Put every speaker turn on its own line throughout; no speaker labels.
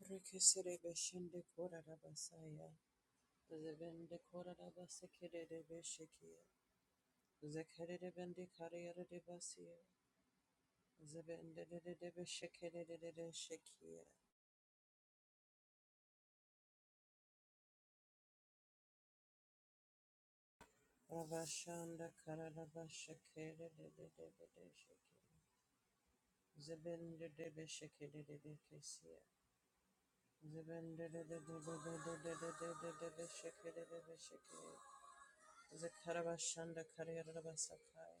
Rekesere beshende kora rabasaya. Zebende kora rabasekere de beshekia. Zekere de bende kariyere de basia. Zebende de de de beshekere de de de shekia. Rabashanda kara rabashekere de de de de de shekia. Zebende de beshekere de de kesia. Zebende de de de de de de de de de de de beshekere de beshekia. Zekarabashanda kariyere rabasakaya.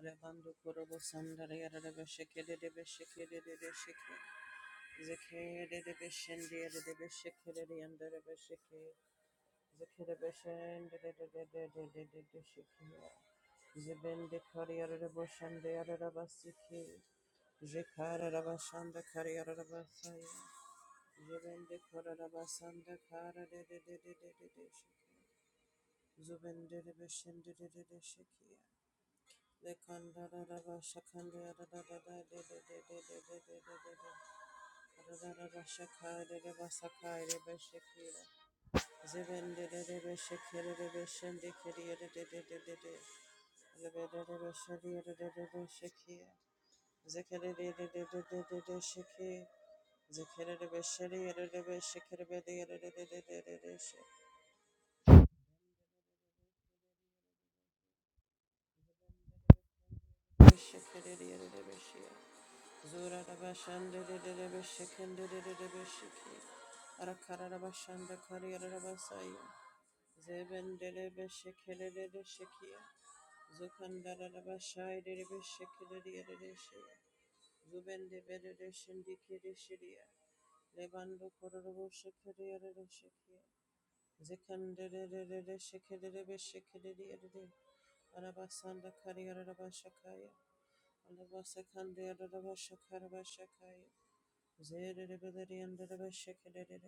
Arabando korobo sandare yarada besheke de de besheke de de besheke. Zeke de de beshende de de besheke de de yandere besheke. Zeke de beshende de de de de de de de de sheke. Zebende kari yarada boshende yarada basike. Jekara rabashanda kari yarada basaya. Zebende kara rabasanda kara de de de de de de de sheke. Zubende de beshende de de Zekere Zura Rabashanda de de de Beshikin de de de de Beshiki. Arakara Rabashanda Kari Rabasaya. Zeben de de Beshiki de de de Shikia. Zukanda Rabashai de de Beshiki de de de de Shia. Zuben de de de Shindiki de Shiria. Levando Kororo Shikiri de de Shikia. Zikan de de de de de Shiki de de Beshiki de de de de. Arabasanda Kari Rabashakaya. Alabasakande Rabashakara Bashakaya. Zerelebeleli and Debeshekelele,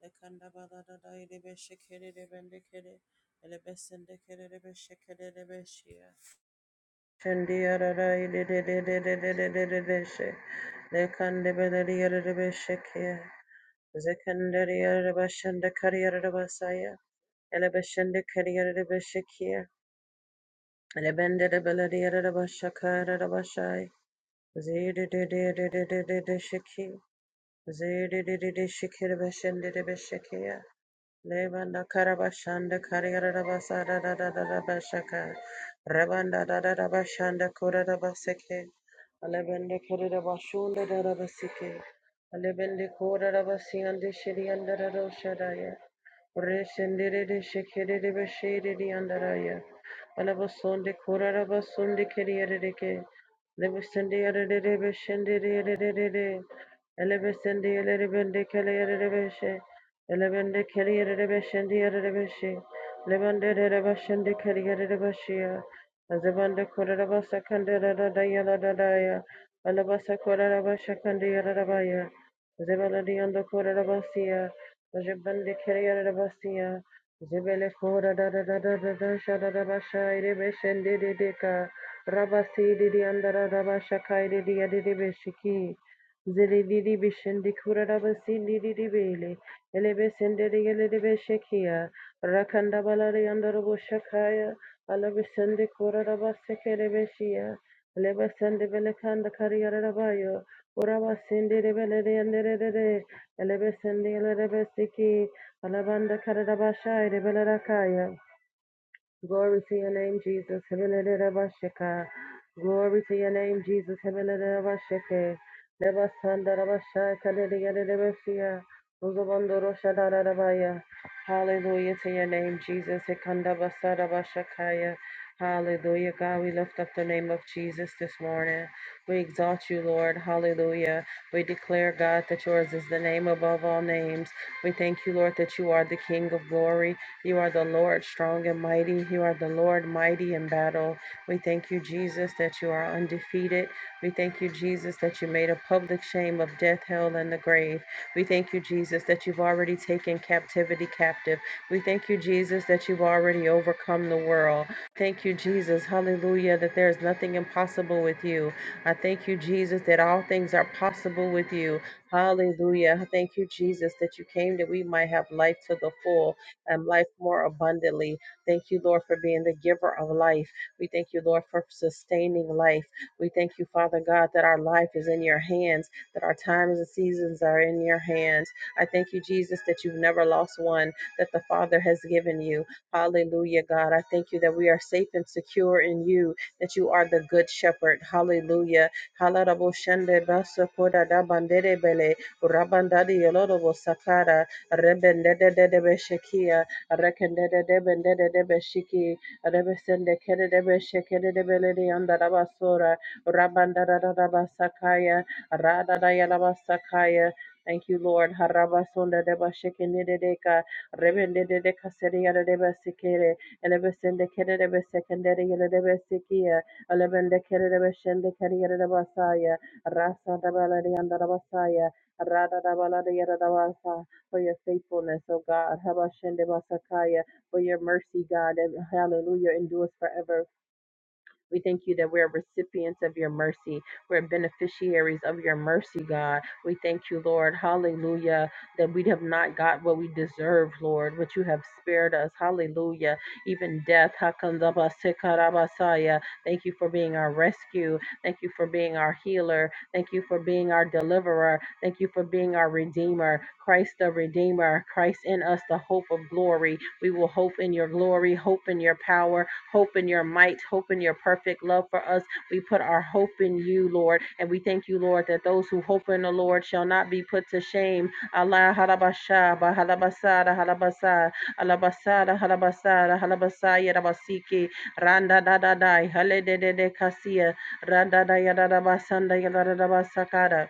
the Kandabada Dai Debeshekele, Bendekele, Elebes and Dekele Beshekele Beshia. Chandia Dai Debeshe, the Kandabeleli Debeshekia, Zekandaria Rebashanda Karia Rebasaya, Elebeshenda Karia Rebeshekia, Elebenda Debeleli Rebashakara Rebashai, Zededededededededesheki. Zedidididi shikiri bashindidi bishikiya. Levanda karabashanda kariyarada basada da da da da bashaka. Rebanda da da da bashanda kura da baseke. Alebende kirida bashunda da da basike. Alebende kura da basiyandi shiriyanda da roshadaya. Reshendididi shikiri bashiridi andaraya. Alabasonde kura da basunde kiriyadidike. Lebusende yadididi bashindidi yadididi. Elebesende yerebende keleyerebeshe. Elebende keleyerebeshende yerebeshe. Lebende yerebeshende keleyerebeshiya. Azebende korerabasa kanderada dayala dadaya. Alabasa korerabasha kanderabaya. Zebaladi ando korerabasiya. Azebende keleyerebasiya. Zebele kora da da da da da da sha da da basha irebeshende dedeka. Rabasi didi andara rabasha kaide diya didi beshiki. Zilididi bishindi kurada basindi didi bele. Elebe sendere gelebe shekia. Rakanda balari andorobo shakaya. Alabe sende kurada basekele beshia. Elebe sende belekanda kariyara rabayo. Uraba sindi rebele de andere de de. Elebe sende elebe siki. Alabanda karada bashai rebele rakaya. Glory to your name, Jesus. Hebelererabashaka. Glory to your name, Jesus. Hebelererabashake. Lebasandarabashaka leleyarerabashia. Uzabandoroshadarabaya. Hallelujah to your name, Jesus. Hekandabasarabashakaya. Hallelujah. God, we lift up the name of Jesus this morning. We exalt you, Lord. Hallelujah. We declare, God, that yours is the name above all names. We thank you, Lord, that you are the King of glory. You are the Lord strong and mighty. You are the Lord mighty in battle. We thank you, Jesus, that you are undefeated. We thank you, Jesus, that you made a public shame of death, hell, and the grave. We thank you, Jesus, that you've already taken captivity captive. We thank you, Jesus, that you've already overcome the world. Thank you, Jesus. Hallelujah, that there is nothing impossible with you. I thank you, Jesus, that all things are possible with you. Hallelujah. I Thank you, Jesus, that you came that we might have life to the full um, life more abundantly. Thank you, Lord, for being the giver of life. We thank you, Lord, for sustaining life. We thank you, Father God, that our life is in your hands, that our times and seasons are in your hands. I thank you, Jesus, that you've never lost one that the Father has given you. Hallelujah, God. I thank you that we are safe and secure in you, that you are the good shepherd. Hallelujah. Halarabo shende baso koda da bandere bele, rabandadi yolodo sakara. Rebende de de de Beshekia, Rekende de de Bende de de Beshiki, Rebesende Kede de Besheke de de Beledi Andarabasora, Rabanda da da da Basakaya, Rada da Yalabasakaya. Thank you, Lord. Harabasonda de Bashekende de Deka, Rebende de de Caseria de Besikere, Elebesende Kede de Besekendere de Besikia, Elebende Kede de kere Kede de Basaya, Rasa da Beledi Andarabasaya, Rada da Baladi Yadavasa for your faithfulness, oh God. Habashende Basakaya, for your mercy, God. And hallelujah endures forever. We thank you that we're recipients of your mercy. We're beneficiaries of your mercy, God. We thank you, Lord. Hallelujah. That we have not got what we deserve, Lord, but you have spared us. Hallelujah. Even death. Hakandabasekarabasaya. Thank you for being our rescue. Thank you for being our healer. Thank you for being our deliverer. Thank you for being our redeemer. Christ the Redeemer. Christ in us, the hope of glory. We will hope in your glory, hope in your power hope in your might, hope in your perfect love for us. We put our hope in you, Lord. And we thank you, Lord, that those who hope in the Lord shall not be put to shame. Allah halabasha, bahalabasada, halabasa, alabasada, halabasada, halabasaya, rabasiki, randa da da da, hale de de kasia, randa da ya da da basanda, ya da da basakada.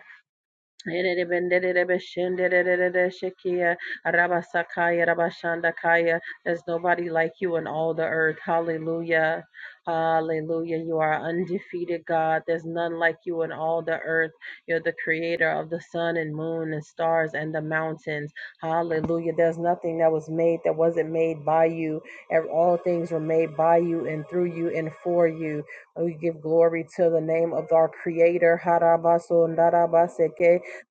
There's nobody like you in all the earth. Hallelujah. Hallelujah. You are undefeated, God. There's none like you in all the earth. You're the creator of the sun and moon and stars and the mountains. Hallelujah. There's nothing that was made that wasn't made by you. Ev- All things were made by you and through you and for you. We give glory to the name of our creator. Harabaso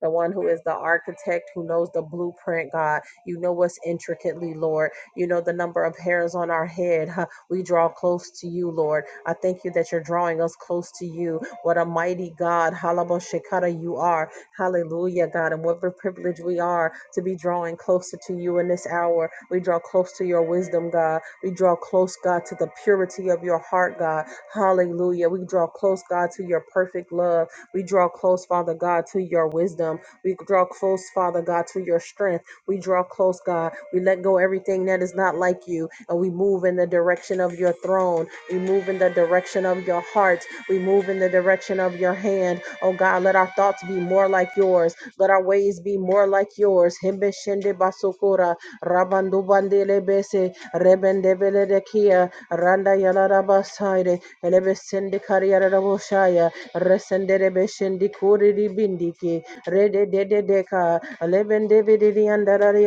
the one who is the architect, who knows the blueprint, God. You know what's intricately, Lord. You know the number of hairs on our head. huh. We draw close to you, Lord. I thank you that you're drawing us close to you. What a mighty God, Halabashikara, you are. Hallelujah, God. And what a privilege we are to be drawing closer to you in this hour. We draw close to your wisdom, God. We draw close, God, to the purity of your heart, God. Hallelujah. We draw close, God, to your perfect love. We draw close, Father God, to your wisdom. We draw close, Father God, to your strength. We draw close, God. We let go everything that is not like you, and we move in the direction of your throne. We move in the direction of your heart. We move in the direction of your hand. Oh God, let our thoughts be more like yours. Let our ways be more like yours. Himbe shende baso sokora rabando bandele bese rebende vele de kia randa yala raba saire elebe sende kariyara rabo shaya resende rebe shendi kuri di bindiki rede de de deka lebende vede di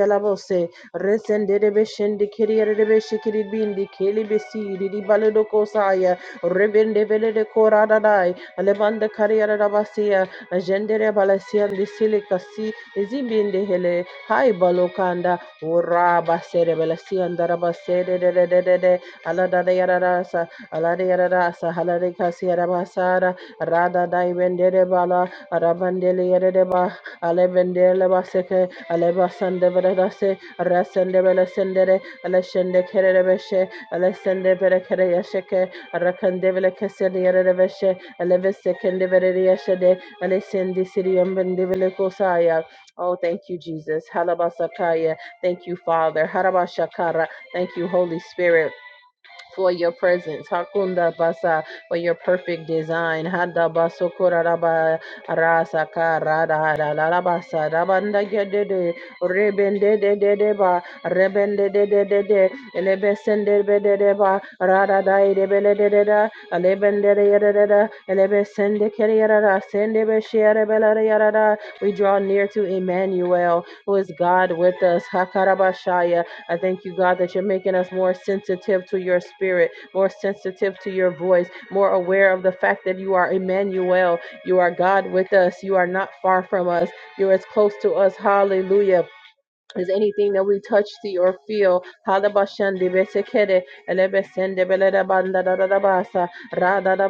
yala bose resende rebe shendi kiriyara rebe shikiri bindi keli besi di di baledo kosaya rebende vele de kora dadai lebanda kariyara raba siya jendere balasia di sili Zimbinde hele hai balokanda uraba sere belasi andaraba sere de de de de de alada de yararasa alada yararasa halade kasi yarabasara rada dai vendere bala arabandele yarede ba alebendele baseke alebasande vedase rasende belesendere aleshende kerere beshe alesende bere kere yasheke rakande vele kesende yarede beshe alevese kende vere yashede alesende siriyam bende vele kosaya Oh, thank you, Jesus. Halabasakaya. Thank you, Father. Harabashakara. Thank you, Holy Spirit for your presence. Hakunda basa for your perfect design. Hada baso koraraba rasa karada la la la basa rabanda gedede rebende de de de ba rebende de de de de elebesende de de de ba rada da e de bele de de da elebende de de de da elebesende kere yara da sende be shere bele de yara da. We draw near to Emmanuel, who is God with us. Hakarabashaya I thank you, God, that you're making us more sensitive to your spirit, more sensitive to your voice, more aware of the fact that you are Emmanuel. You are God with us. You are not far from us. You're as close to us. Hallelujah is anything that we touch, see, or feel. Halabashandi besekere, elebesende belere banda da da da basa, ra da da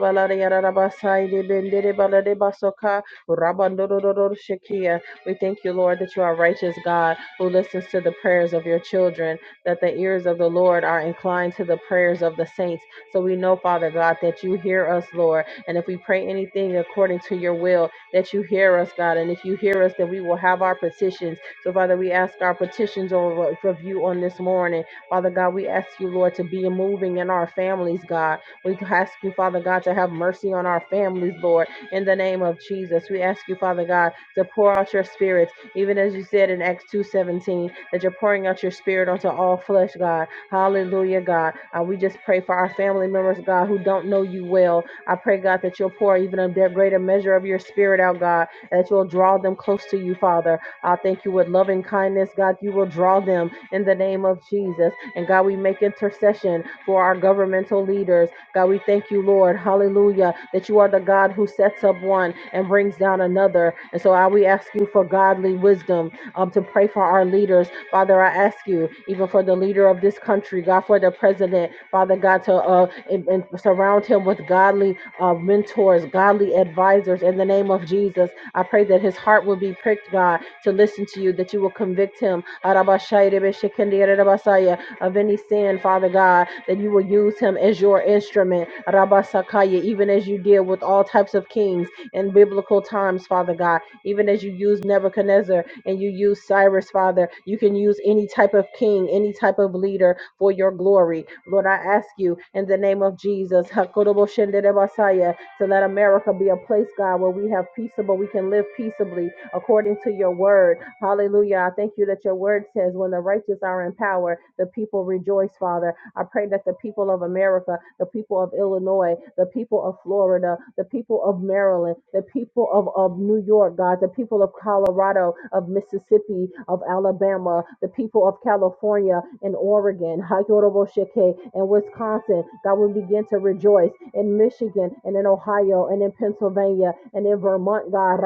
da da basa, bendere balade basoka, rabando shekia. We thank you, Lord, that you are righteous God who listens to the prayers of your children, that the ears of the Lord are inclined to the prayers of the saints. So we know, Father God, that you hear us, Lord. And if we pray anything according to your will, that you hear us, God. And if you hear us, then we will have our petitions. So, Father, we ask our petitions over for you on this morning. Father God, we ask you, Lord, to be moving in our families, God. We ask you, Father God, to have mercy on our families, Lord, in the name of Jesus. We ask you, Father God, to pour out your spirit, even as you said in Acts 2.17, that you're pouring out your spirit onto all flesh, God. Hallelujah, God. Uh, we just pray for our family members, God, who don't know you well, I pray, God, that you'll pour even a de- greater measure of your spirit out, God, and that you'll draw them close to you, Father. I thank you with loving kindness, God, you will draw them in the name of Jesus. And God, we make intercession for our governmental leaders. God, we thank you, Lord, hallelujah, that you are the God who sets up one and brings down another. And so I, we ask you for godly wisdom um, to pray for our leaders Father, I ask you, even for the leader of this country, God, for the president, Father God, to uh, and, and surround him with godly uh, mentors, godly advisors in the name of Jesus. I pray that his heart will be pricked, God, to listen to you, that you will convict him Arabashayrebeshekendiyarabasaya, of any sin, Father God, that you will use him as your instrument, Arabasakaya, even as you did with all types of kings in biblical times, Father God, even as you used Nebuchadnezzar and you use Cyrus, Father. You can use any type of king, any type of leader for your glory. Lord, I ask you in the name of Jesus Hakoroboshenderebasaya, to let America be a place, God, where we have peaceable, we can live peaceably according to your word. Hallelujah. I thank you that your word says when the righteous are in power, the people rejoice, Father. I pray that the people of America, the people of Illinois, the people of Florida, the people of Maryland, the people of, of New York, God, the people of Colorado, of Mississippi, of Alabama, the people of California and Oregon, Hayoroboshike, and Wisconsin, God, will begin to rejoice in Michigan and in Ohio and in Pennsylvania and in Vermont, God,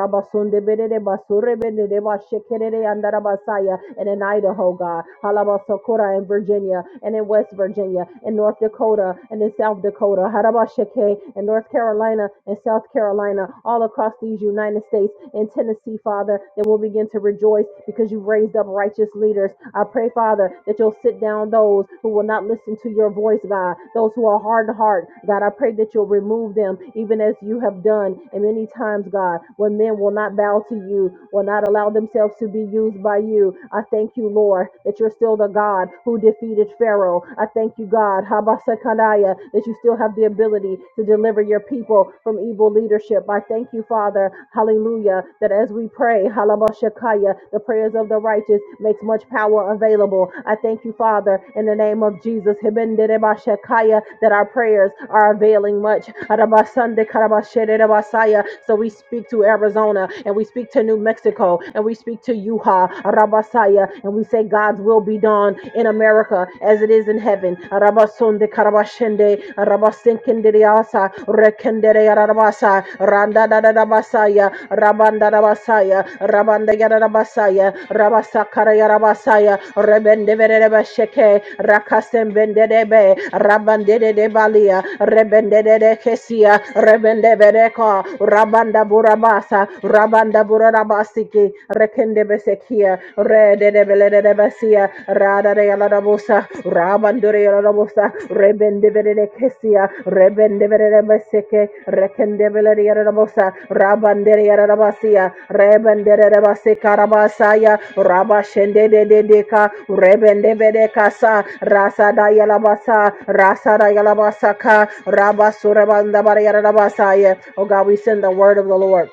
and in Idaho, God. Carolina and Virginia and in West Virginia and North Dakota and in South Dakota, Harabashake and North Carolina and South Carolina, all across these United States and Tennessee, Father, that we'll begin to rejoice because you've raised up righteous leaders. I pray, Father, that you'll sit down those who will not listen to your voice, God, those who are hard of heart, God. I pray that you'll remove them even as you have done. And many times, God, when men will not bow to you, will not allow themselves to be used by you, I thank you, Lord you, Lord, that you're still the God who defeated Pharaoh. I thank you, God, Habasakanaya, that you still have the ability to deliver your people from evil leadership. I thank you, Father, hallelujah, that as we pray, Halabashakaya, the prayers of the righteous makes much power available. I thank you, Father, in the name of Jesus, Hibenderebashakaya, that our prayers are availing much. Arabasandekarabaserebasaya. So we speak to Arizona and we speak to New Mexico and we speak to Utah. Ruha Rabasaya. And we say God's will be done in America as it is in heaven. Rabasunde Karabashende Rabasinkendiasa Rekendere Rabasa Randa Rabasaya Rabanda Rabasaya Rabanda Yarabasaya Rabasakara Yarabasaya Rebende Verebasheke Rakasem Bendebe Rabande de Balia Rebende de Kesia Rebende Vereko Rabanda Burabasa Rabanda Burabasa Rabasiki, Rekendebesekia, Redebeledebesia, Radadayalabosa, Rabandurialabosa, Rebendebedekesia, Rebendebedebeseke, Rekendebeledialabosa, Rabanderialabasia, Rebendebesekarabasaya, Rabashendedeka, Rebendebedekasa, Rasadayalabasa, Rasadayalabasaka, Rabasurabandabarialabasaya. Oh God, we send the word of the Lord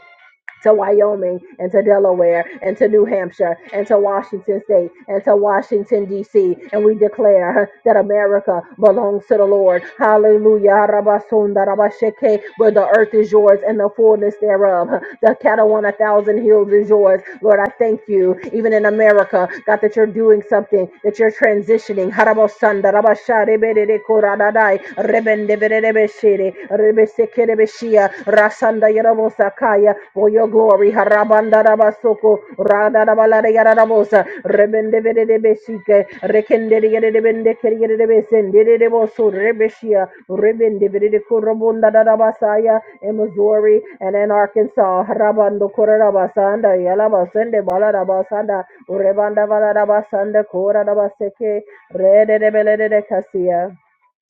to Wyoming and to Delaware and to New Hampshire and to Washington State and to Washington, D.C. And we declare that America belongs to the Lord. Hallelujah. Rabasunda, rabashake. Where the earth is yours and the fullness thereof. The cattle on a thousand hills is yours. Lord, I thank you, even in America, God, that you're doing something, that you're transitioning. Harabosanda, rabasharebedede, koradadai, rebendebedebeshede, rebesekerebeshia, rasanda, yerobosakaya, for your glory. Harabanda, rabasoko radarabala yararabosa Rebende, de besike Rekende, Harabandarabasoko, radarabalarayararabosa, rebendebedebeshike, rekendereyerebendekereyereboso, rebeshia, Rebende, rebendebedekorobandarabasaya, In Missouri and in Arkansas, Harabando Korabasanda, Yalabasende Balarabasanda, Urebanda Valarabasanda Korabaseke, Rede de Casia.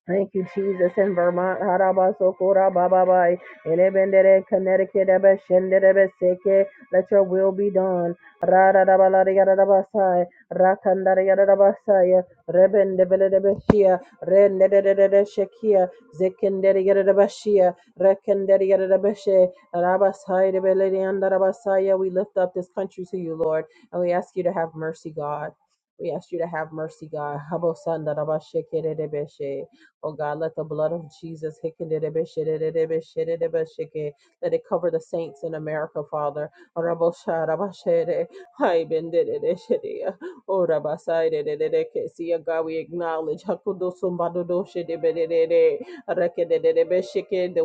Thank you, Jesus, in Vermont, Haraba sokora Bababai, in Ebendere, Connecticut, Ebeshendere, Seke, let your will be done. Radadabalarigadabasai, Rakandarigadabasai, Rebendebelebeshia, Renedededeshekia, Zekenderigadabashia, Rekenderigadabashi, Rabasai, Rebelliandarabasai. We lift up this country to you, Lord, and we ask you to have mercy, God. We ask you to have mercy, God. Habosandarabashekeredebeshe. Oh God, let the blood of Jesus, let it cover the saints in America, Father. Oh God, we acknowledge the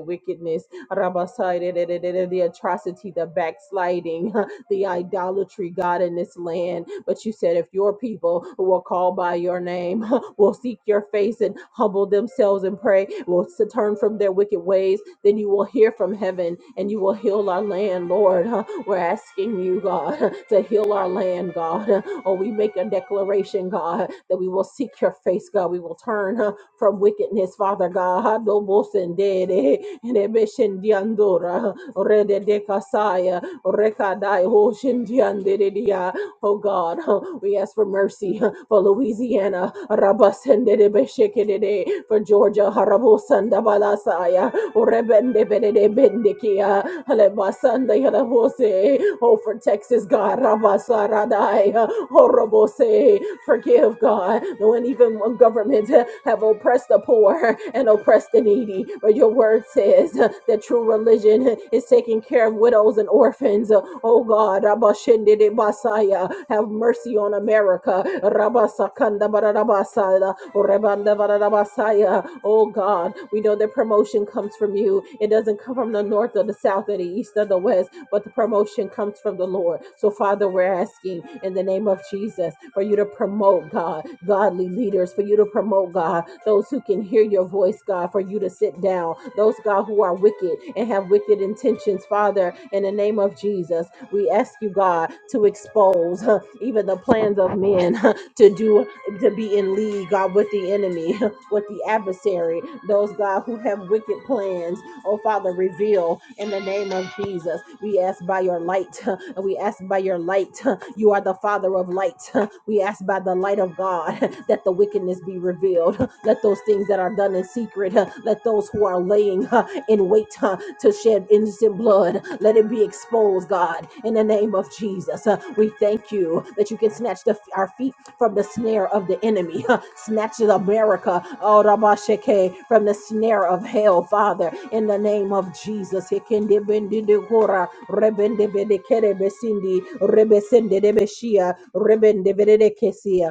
wickedness, the atrocity, the backsliding the idolatry, God, in this land. But you said, if your people who are called by your name will seek your face and humble themselves and pray, will s- turn from their wicked ways, then you will hear from heaven and you will heal our land, Lord. We're asking you, God, to heal our land, God. Oh, we make a declaration, God, that we will seek your face, God. We will turn uh, from wickedness, Father God. Dobosendere, nebeshendiandora, rededekasaya, rekadai, oshendianderidia. Oh God, uh, we ask for mercy uh, for Louisiana, rabasendere beshekedede, for Georgia, harabosandabalasaya, Oh, Rebende Benede Bendikia, Alebasanda Yalavose, oh for Texas God, Rabasaradai, Horobose, forgive God, when even when governments have oppressed the poor and oppressed the needy, but your word says that true religion is taking care of widows and orphans, oh God, Rabashende de Basaya, have mercy on America, Rabasakanda Barabasada, Messiah. Oh God, we know that promotion comes from you. It doesn't come from the north or the south or the east or the west, but the promotion comes from the Lord. So, Father, we're asking in the name of Jesus for you to promote, God, godly leaders, for you to promote, God, those who can hear your voice, God, for you to sit down, those, God, who are wicked and have wicked intentions, Father, in the name of Jesus, we ask you, God, to expose huh, even the plans of men huh, to do to be in league, God, with the enemy with the adversary, those God who have wicked plans. Oh Father, reveal in the name of Jesus. We ask by your light. We ask by your light. You are the Father of light. We ask by the light of God that the wickedness be revealed. Let those things that are done in secret, let those who are laying in wait huh, to shed innocent blood. Let it be exposed, God, in the name of Jesus. Uh, we thank you that you can snatch the, our feet from the snare of the enemy. Uh, snatch America oh, Rabashake, from the snare of hell, Father, in the name of Jesus. Hekendebendidekora, rebendebedekerebesindi, rebesendedebeshia, rebendebedekesia.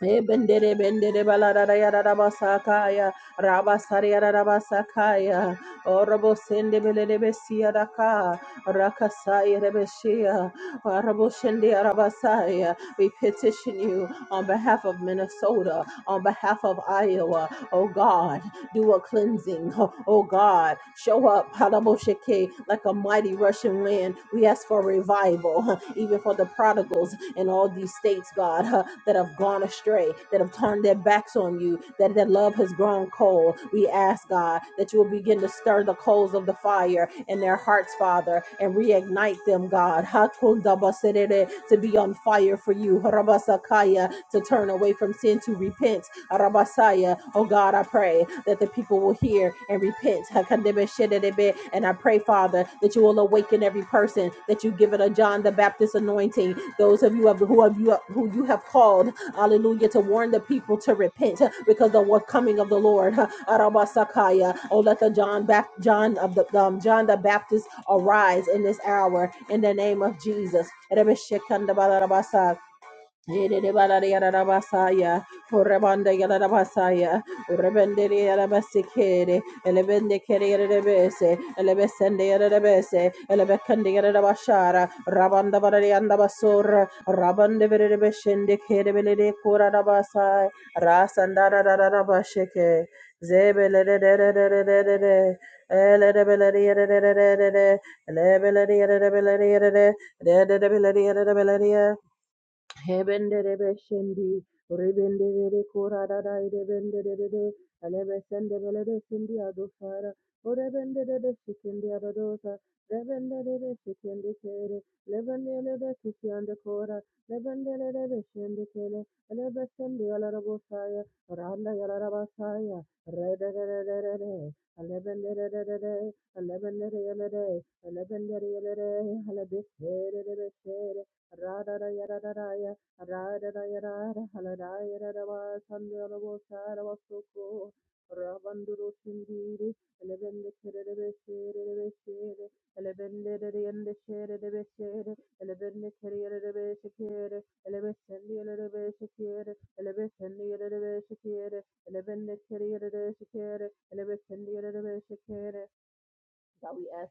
Ebendere bendere balarara yarara basakaya rabasari yarara basakaya orobo sende belere besiya raka rakasaya rebeshia arabo shende arabasaya we petition you on behalf of Minnesota on behalf of Iowa oh God do a cleansing. Oh God, show up Hadaboshake, like a mighty rushing wind. We ask for revival, huh, even for the prodigals in all these states, God, huh, that have gone astray, that have turned their backs on you, that their love has grown cold. We ask, God, that you will begin to stir the coals of the fire in their hearts, Father, and reignite them, God, Hatundabaserere, to be on fire for you, Harabasakaya, to turn away from sin, to repent, Arabasaya. Oh God, I pray that the people will hear and repent. Hakandebe shedebe. And I pray, Father, that you will awaken every person, that you give it a John the Baptist anointing. Those of you have, who have you who you have called, hallelujah, to warn the people to repent because the what coming of the Lord. Arabasakaya. Oh, let the John Bap- John of the um, John the Baptist arise in this hour in the name of Jesus. Basaya, Urabanda Yarabasaya, Urabendere Yarabasikere, Elevende Kerebese, Elevesende Yarabese, Elevekande Yarabashara, Rabanda Varianda Basur, Rabande Verebeshende Kerebele Kura Rabasai, Rasandara Rabasheke, Zebele, Elebele, Elebele, Elebele, Elebele, Hebenderebeshendi, rebendebere koradada irebenderere, alebesendebelere sindi adofara, orebenderere shikendi adodosa, rebenderere shikendi kere, lebenderere kisiande kora, lebenderere beshendi kele, elebesendi alarabosaya, randa yalarabasaya, redererere, alebenderere, alebenderere, alebenderere, alebesere, rebesere, God, we ask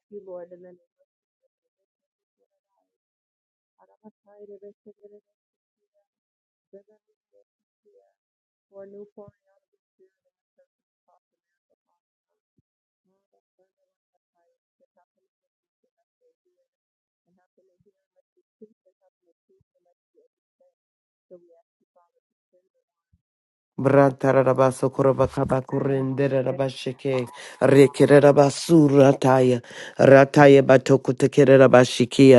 you, Lord, in the name of God, for a new pouring out of
Brantarabas
your spirit.
Okorabakabakurrenderabashike Rekerabasura Taya Rataya Batokutakirabashiki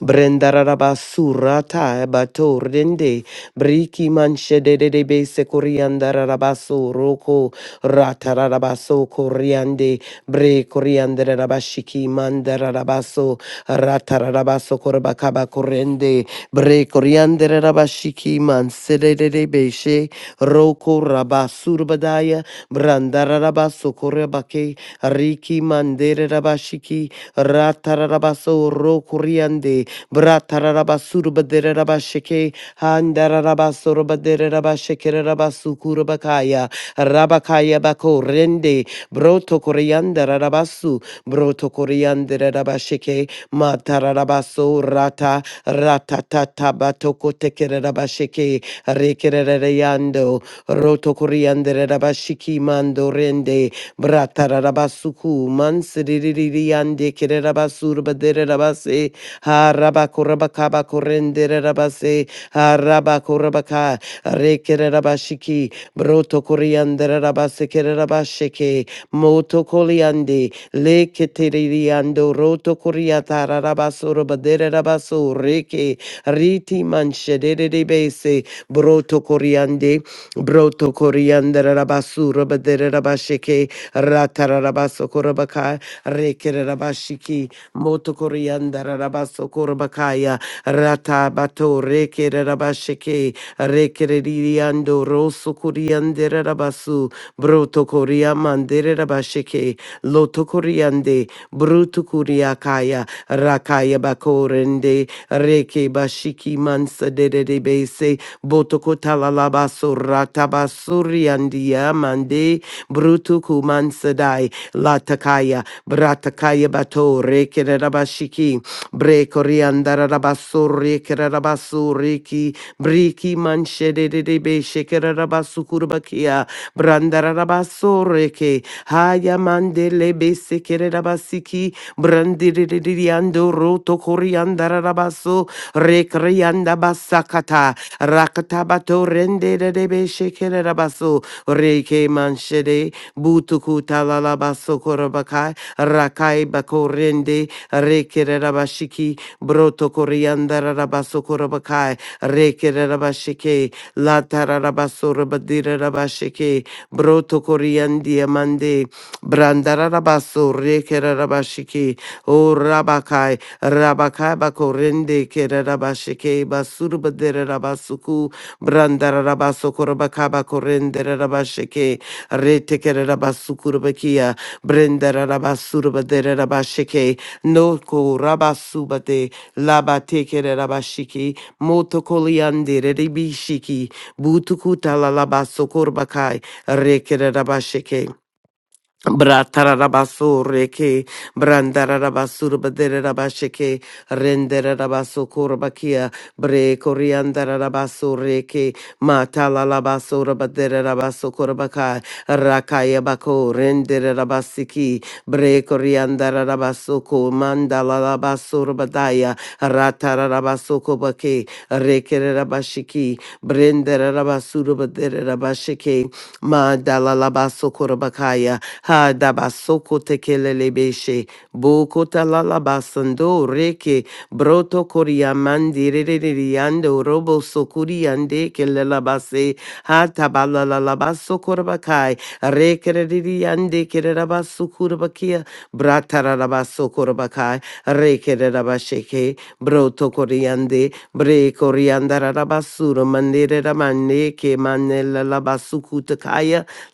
Brendararabasurata ebatordende. Briki manshedede base coriandararabasoroko. Ratarabaso coriande. Bre coriandarabashiki mandarabaso. Ratarabaso corbacaba corrende. Bre coriandarabashiki mansedede beshe. Roko rabasurbadaya. Brandarabaso corebake. Riki mandere rabashiki. Ratarabaso rokuriande. Bratarabasurubaderabasheke, Handarabasorobaderabashekerabasukurabakaya, Rabakaya bako rende, Broto koreandarabasu, Broto koreandarabasheke, Matarabaso rata, Ratatata batoko tekerabasheke, Rekereyando, Roto koreandarabashiki mando rende, Bratarabasuku, Mansiririyande Kerabasur Baderabase, Harabakurabakaba Korenderabase, Harabakurabaka, Rekerabashiki, Broto Korianderabase Kerabasheke, Moto Koliande, Leketeriando, Roto Koriatarabasur Baderabasu, Reke, Riti Manshedebese, Broto Koriande, Broto Korianderabasur Baderabasheke, Ratarabaso Korabaka, Rekerabashiki, Motokorianda Rabaso Korabakaya, Ratabato, Rekerabashiki, Rekeriando, Rosso Koriande Rabasu, Broto Koriamande Rabashiki, Loto Koriande, Bruto Kuriakaya, Rakaya Bakorende, Reke Bashiki Mansa de de Base, Botokotalalabasura tabasuriandia mande brutukumansadai latakaya bratakaya bato rekerabashiki brekoriandarabasuri kerarabasuriki briki manshedebe shekerabasukurbakia brandarabasureke haya mandele besekerabasiki brandiriando roto koriandarabaso rekrianda basakata Rakatabato rende de debe shekere rabaso. Reke manshede. Butuku talalabaso korabakai. Rakai bako rende. Rekere rabashiki. Broto koriandara rabaso korabakai. Rekere rabashike. Latara rabaso rabadira rabashike. Broto koriandia mande. Brandara rabaso. Rekere rabashiki. O Rabakai, Rabakai Bakorende, Kerabashike, Basurba de Rabasuku, Brandarabasokora Bakorende, Rabashike, Retekerabasukurbakia, Brendarabasurba de Rabashike, Noko Rabasubate, Labatekerabashiki, Motokoliande, Rebishiki, Butukuta Labasokorbakai, Rekerabashike. Bratarabasore brandarabasur baderabasheke renderabasokorobakia bre koriandarabasore ke matalalabasora baderabasokorobakai rakayabako renderabasiki bre koriandarabasoko mandalalabasora badaya ratarabasokobake rekerabashiki brenderabasura baderabasheke Mandala ha dabasoko tekelelebeshe bokota lalabasando reke broto koriamandiririando robo sokuriande kelelabase ha tabalalabasokorabakai rekeririande kererabasukurbakia bratararabasokorabakai rekererabasheke broto koriande bre koriandararabasura mandireramaneke manelalasukutaka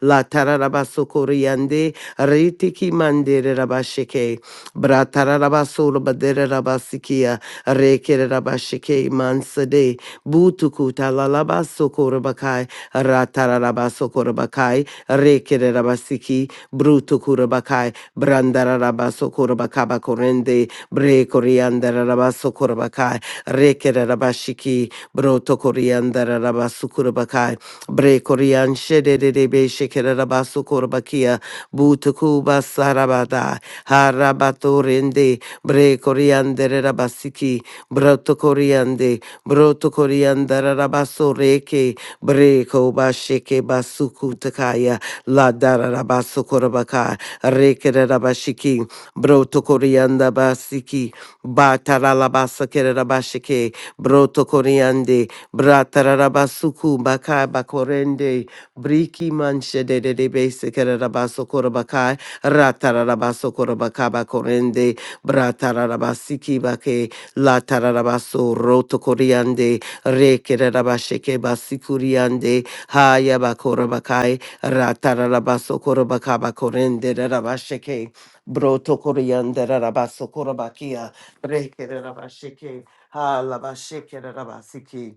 La tararabaso coriande, ritiki mandere rabashike, bratararabasolo badere rabasikia, rekere rabashike mansade, butuku talalabaso korabakai, ratarabaso korabakai, rekere rabasiki, brutu kurabakai, brandarabaso korabakaba korende, bre coriandarabaso korabakai, rekere rabashiki, broto coriandarabaso Bre Korean Shedebe Shekerabasu Korbakia Butukuba Sarabada Harabatorende Bre Korean Derabasiki Broto Koreande Broto Korean Darabaso Reke Bre Koba Sheke Basuku Takaya La Darabasu Korbaka Reke Rabashiki Broto Korean Dabasiki Bataralabasa Kerabashike Broto Koreande Bratarabasuku bakai bakorende briki manche de de de besekerabasokoro bakai ratarabasokoro bakai bakorende bratarabasiki bake latarabaso roto koriande rekerabasheke basikuriande haya bakoro bakai ratarabasokoro bakai bakorende rabasheke broto koriande rabasokoro bakia rekerabasheke halabasheke rabasiki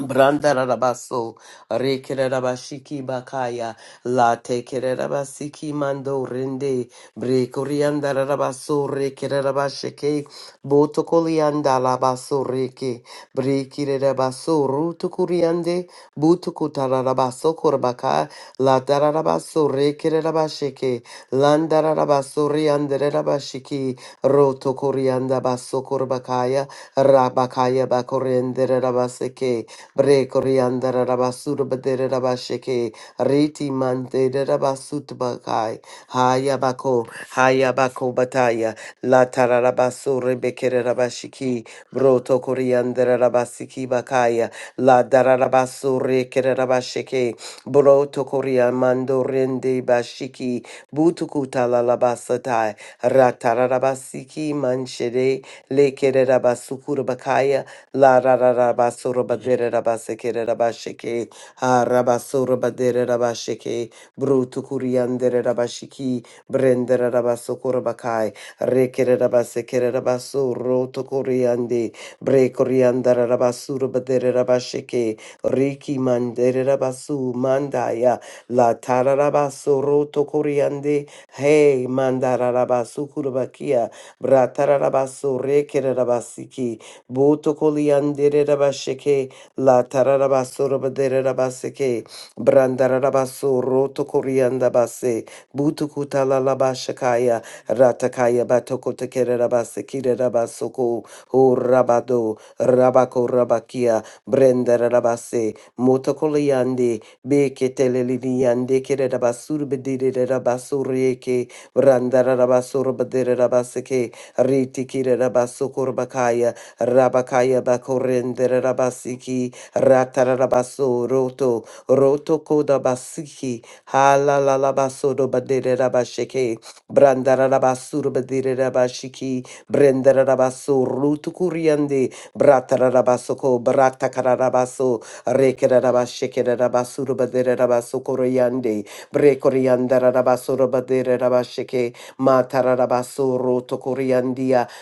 Brandarabaso, Rekerabashiki Bakaya, La Tekerabasiki Mando Rende, Brekoriandarabaso, Rekerabasheke, Botokolianda Labaso Reke, Brekirabaso, Rutukuriande, Butukutarabaso Korbaka, La Darabaso, Rekerabasheke, Landarabaso Riandarabashiki, Rotokorianda Baso Korbakaya, Rabakaya Bakorendere Rabaseke, Bre Coriandara Rabasura Badere Rabasheke, Reti Mandere Rabasutabakai, Hayabako, Hayabako Bataya, la tararabasure Bekere Rabashiki, Broto Coriandara Rabasiki Bakaya, La dararabasure Kere Rabasheke, Broto Coriamando Rende Bashiki, Butukuta la Lalabasatai, Ratarabasiki Manshere, Lekere Rabasukura Bakaya, La ra ra ra ba so ra ba de ra ra ba se ke ra ra ba she ke. Ha ra ba so ra ba de ra ra ba she ke. Bru tu ku ri an de ra ra ba shi ki. Bren de ra ra ba so ko ra ba kai. Re ke ra ra ba se ke ra ra ba so ro tu ku ri an de. Bre ku ri an da ra ra ba su ra ba de ra ra ba she ke. Ri ki man de ra ra ba su man da ya. La ta ra ra ba so ro tu ku ri an de. Hey man da ra ra ba su ku ra ba kia. Bra ta ra ra ba so re ke ra ra ba si ki. Boto koliandere rabasheke, la tararabaso rabadere rabaseke, brandarabaso roto korianda base, buto kutala labashakaya, ratakaya batoko tekere rabasekire rabasoko, o rabado, rabako rabakia, brandarabase, moto koliande, beketele lidiande kere rabasur bedire rabasureke, brandarabaso rabadere rabaseke, ritikire rabasokorbakaya, Rabakaya bakorendere rabasiki ratarabaso roto roto koda basiki halalalabaso do badere rabasheke brandarabasur badere rabashiki brendarabaso rutu kuriande bratarabasoko bratakarabaso rekerabasheke rabasur badere rabaso koryande brekoriandarabaso badere rabasheke matarabaso roto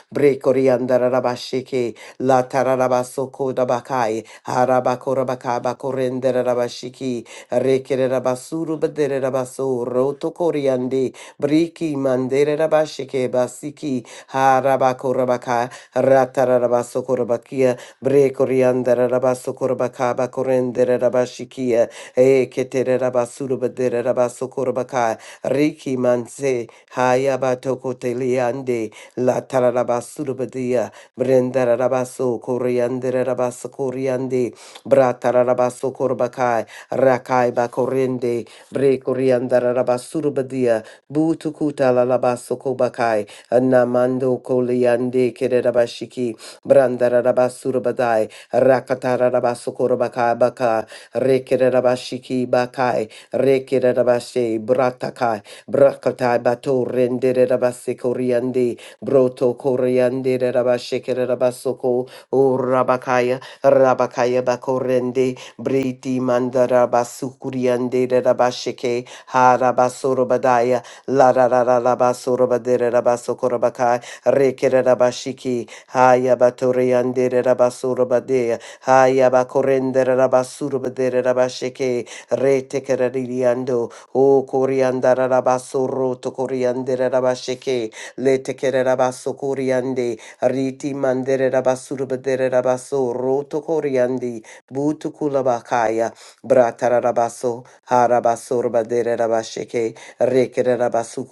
Bre Koriandarabashiki, La Tararabasoko Dabakai, Harabakorabakaba Korenderabashiki, Rekerabasuru Baderabaso, Roto Koriandi, Briki Manderabashiki, Basiki, Harabakorabaka, Ratarabasokorabakia, Bre Koriandarabasokorabakaba Korenderabashikia, Eketerabasuru Baderabasokorabaka, Riki Manse, Hayabatoko Teliande, La tararabasurubadia, brendarabaso, corianderabas coriande, bratarabaso corbakai, rakai bacorende, bre coriandarabasurubadia, butukuta lalabaso kobakai, anamando coliande, kererabashiki, brandarabasurubadai, rakatarabaso corbakai baka, rekerabashiki bakai, rekerabashe, bratakai, brakatai bato, renderabase coriande, Broto Koreande Rabashekere Rabasoko O Rabakaya Rabakaya Bakorende Briti Mandara Basukuriande Rabasheke Harabasoro Badaya La ra ra ra La Basoro Badere Rabasoko Rabakai Rekere Rabashiki Haya Batoriande Rabasoro Badea Haya Bakorende Rabasuro Badere Rabasheke Retekere Ririando O Korianda Rabasoro To Koriande Rabasheke letekere rabaso koriande riti mandere rabasuru bedere rabaso roto koriandi butu kulabakaya bratara rabaso harabaso rabadere rabasheke rekere rabasu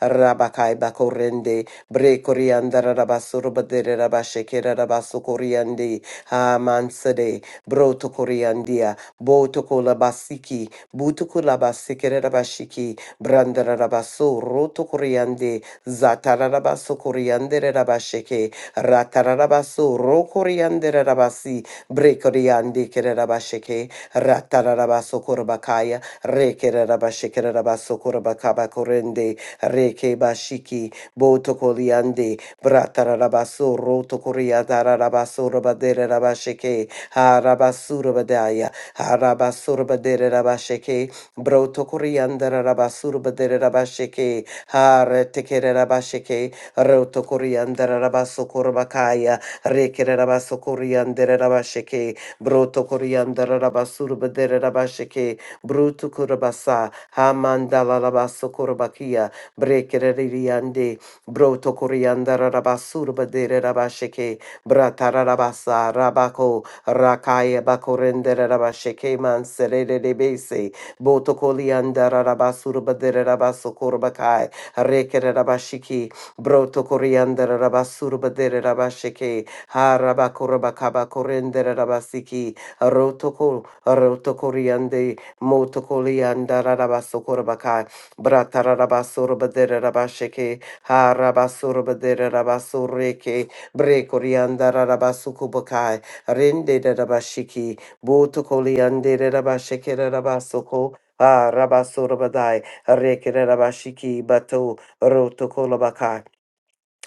rabakai bakorende bre koriandara rabaso rabadere rabasheke rabaso koriandi ha mansade broto koriandia boto kolabasiki butu kulabasiki rabashiki brandara rabaso roto koriande, Zatararabaso Coriander Rabasheke, Ratarabaso Rokoriander Rabasi, Brekoriandi Kerabasheke, Ratarabaso Corbacaya, Reke Rabasheke Rabaso Corbacaba Corende, Reke Bashiki, Boto Coliande, Bratarabaso Roto Coriatarabaso Rabadere Rabasheke, Harabasurabadaya, Harabasurabadere Rabasheke, Broto Coriander Rabasurabadere Rabasheke, ha retekere rabasheke roto koriandere rabaso korbakaya rekere rabaso koriandere rabasheke broto koriandere rabasurbedere rabasheke bruto korbasa ha mandala rabaso korbakia brekere ririande broto koriandere rabasurbedere rabasheke bratara rabasa rabako rakaya bakorendere rabasheke manserere debese boto koliandere rabasurba dere rabaso Rekere Rabashiki, Broto Coriander Rabasurba de Rabasheke, Harabakuraba Kaba Corendere Rabasiki, Rotoko, Rotokoriande, Motokolianda Rabasokorabaka, Bratarabasurba de Rabasheke, Harabasurba de Rabasureke, Brekorianda Rabasukubakai, Rende Rabashiki, Botokoliande Rabasheke Rabasoko, Ah, Rabba Surabadai. Harekerabashiki bato rotokolabaka.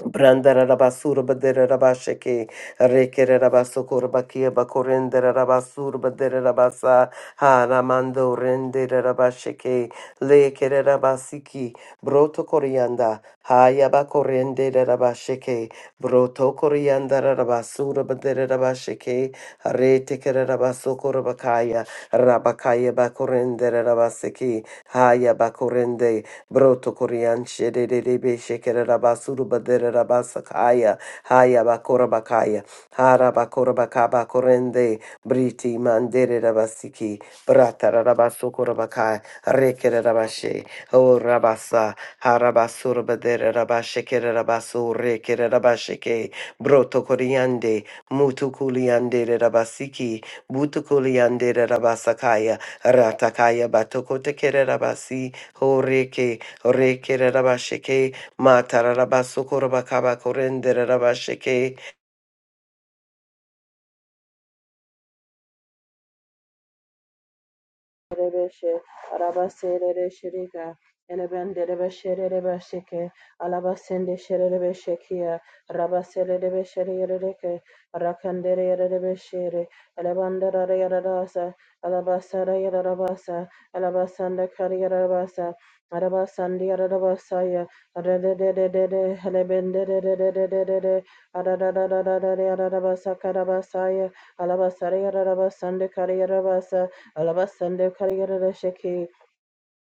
Brandarabasura baderabasheke. Harekerabasokurabakia bakorenderabasura baderabasa. Haramando renderabasheke. Lekerabasiki. Broto corianda. Hayabakorenderabasheke. Broto coriandarabasura baderabasheke. Haretekerabasokura bakaya. Rabakaya bakorenderabaseki. Haya bakorende. Broto Korean Shedebe Shekere Rabasuru Badere Rabasakaya Haya Bakora Bakaya Hara Bakora Bakaba Korende Briti Mandere Rabasiki Brata Rabasukura Bakai Rekere Rabashe O Rabasa Harabasura Badere Rabashekere Rabasu Rekere Rabasheke Broto Koreande Mutu Kuliande Rabasiki Butu Kuliande Rabasakaya Ratakaya Batoko Tekere Rabasi Horeke Orekererabashake, matararabasukorobakabakorendererabashake.
Rebeshe, Arabasere Shirika, Enebende Rebeshere Rebeshike, Alabasende Sherebeshekia, Rabasere Rebeshere Reke, Rakandere Rebeshere, Alabandara Yaradasa, Alabasara Yadarabasa, Alabasanda Kariarabasa, Arabasandi Yaradabasaya, Rededede, Helebende Rededede, Aradadadadadadadadadabasa Karabasaya, Alabasara Yadarabasanda Kariarabasa, Alabasando Karigarada Shake.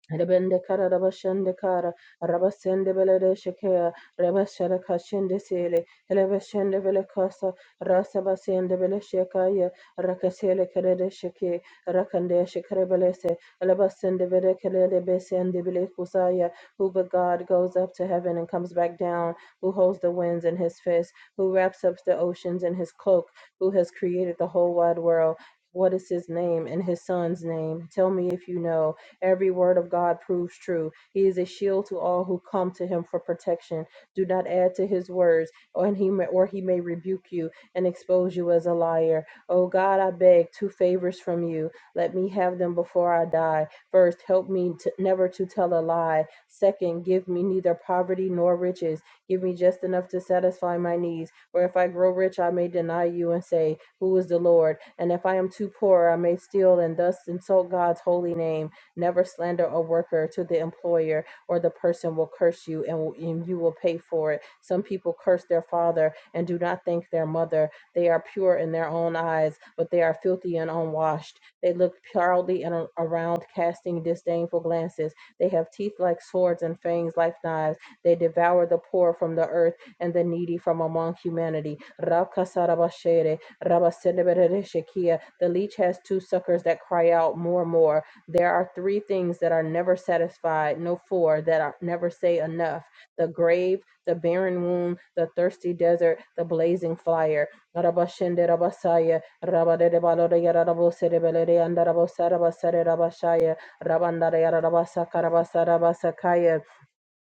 Rebende kara rabashende kara rabasende belede shekea rebashende kashende sele elebeshende bele kasa rasa basende bele shekaya rakasele kerede sheke rakande shekere belese elebasende bele kerede besende bele kusaya who but God goes up to heaven and comes back down who holds the winds in his fist who wraps up the oceans in his cloak who has created the whole wide world what is his name and his son's name? Tell me if you know. Every word of God proves true. He is a shield to all who come to him for protection. Do not add to his words, or and he may, or he may rebuke you and expose you as a liar. O God, I beg two favors from you. Let me have them before I die. First, help me to, never to tell a lie. Second, give me neither poverty nor riches. Give me just enough to satisfy my needs. For if I grow rich, I may deny you and say, Who is the Lord? And if I am too poor, I may steal and thus insult God's holy name. Never slander a worker to the employer, or the person will curse you and, will, and you will pay for it. Some people curse their father and do not thank their mother. They are pure in their own eyes, but they are filthy and unwashed. They look proudly and around, casting disdainful glances. They have teeth like swords and fangs like knives. They devour the poor from the earth and the needy from among humanity. Rakasarabashere, rabaseneberereshekia. The leech has two suckers that cry out more, more. There are three things that are never satisfied, no, four that are never say enough the grave, the barren womb, the thirsty desert, the blazing fire. Rabashende Rabasaya, Rabadede Balodaya Rabosedebelede and Rabosarabasare Rabashaya, Rabandare Rabasaka Rabasarabasakaya,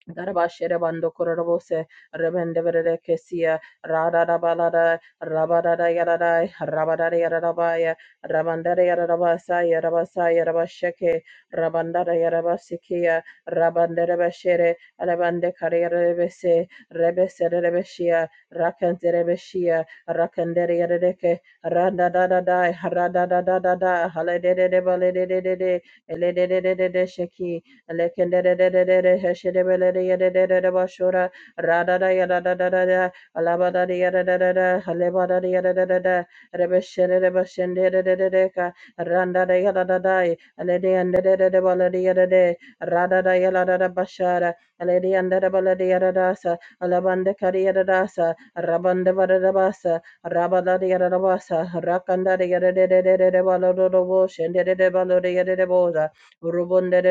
Garabashere bando kororobose rebende verere kesia rarara balada rabarara yarada rabarara yarabaya rabandara yarabasa yarabasa yarabasheke rabandara yarabasikia rabandere bashere alabande karere bese rebese rebeshia rakandere beshia rakandere yareke randa da da da rada da da da da halede de de balede de de de elede de de de de sheki Lekendedededede de, yedededede de Radada yadadadadada. Alabadada yadadadada. Halebadada de Rebeshedede bashendedededeka. Randada yadadadai. Alede yandededede balede yadade. Radada yadadada bashara. Alede yandada balede yadadasa. Alabande kari yadadasa. Rabande badadabasa. Rabadada yadadabasa. Rakandada yadadededede balododobo. Shendedede balode yadadeboza. God, we thank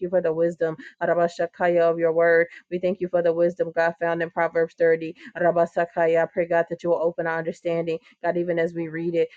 you for the wisdom Rabashakaya of your word. We thank you for the wisdom, God, found in Proverbs 30. Rabasakaya, I pray, God, that you will open our understanding, God, even as we read it.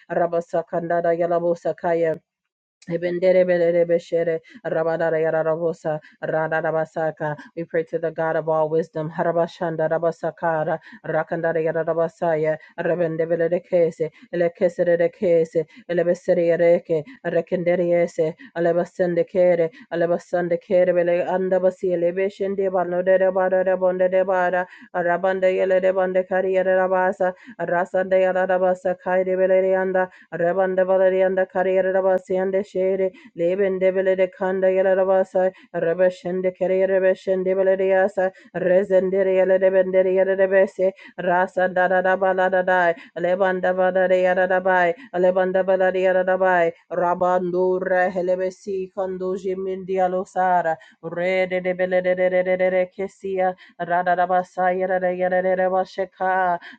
Ebenderebelebeshere, rabadarayararabosa, radarabasaka. We pray to the God of all wisdom. Harabashanda rabasakara, rakandarayararabasaya, rebendebelekese, elekeserekese, elebeserereke, rekenderiese, alebasendekere, alebasandekere, bele- andabasi, elebeshende, banoderebarebondedebara, rabandeyelebandekariyerebasa, rasandeyararabasa, Rabanda Valerianda Carriera Rabasianda Shere, Leben Debele de Kanda Yelarabasa, Rabashende Carriera Beshende Valeriasa, Resenderia Lebenderia de Besse, Rasa da da da ba la da da, Lebanda Valeria da da bai, Lebanda Valeria da da bai, Rabandura Helebesi Conduji Mindialosara, Re de de Bele de de de de Yera de Kessia, Rada da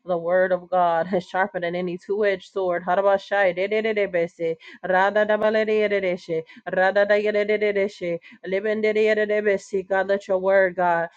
the word of God has sharpened than any two-edged sword. Harabashai dedededebese, radadabaledededeshe, radadayedededeshe, libendedededebese. God, let your word, God,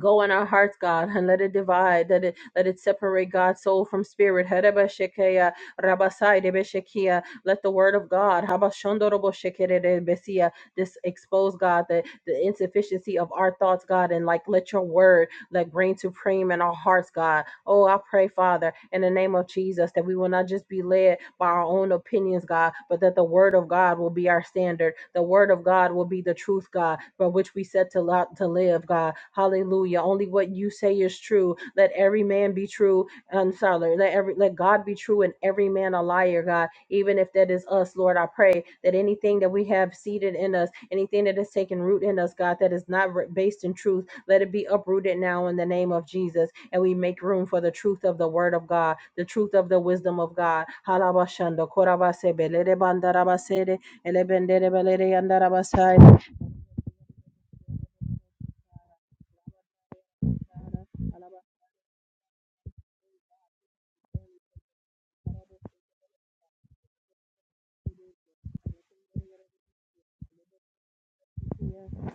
go in our hearts, God, and let it divide, let it let it separate God's soul from spirit. Harebashekeya, rabasai debeshekia. Let the word of God habashondoroboshekeredebesia, this expose, God, the, the insufficiency of our thoughts, God, and like let your word like bring to frame in our hearts, God. Oh, I pray, Father, in the name of Jesus, that we will not just be led by our own opinions, God, but that the word of God will be our standard. The word of God will be the truth, God, for which we set to, lo- to live, God. Hallelujah. Only what you say is true. Let every man be true. I'm sorry. Let every let God be true and every man a liar, God. Even if that is us, Lord, I pray that anything that we have seated in us, anything that has taken root in us, God, that is not re- based in truth, let it be uprooted now in the name of Jesus and we make room for the truth of the word of God, the truth of the wisdom of God. Halabashando, korabasebe, lerebandarabasede, elebenderebelereyandarabasaya.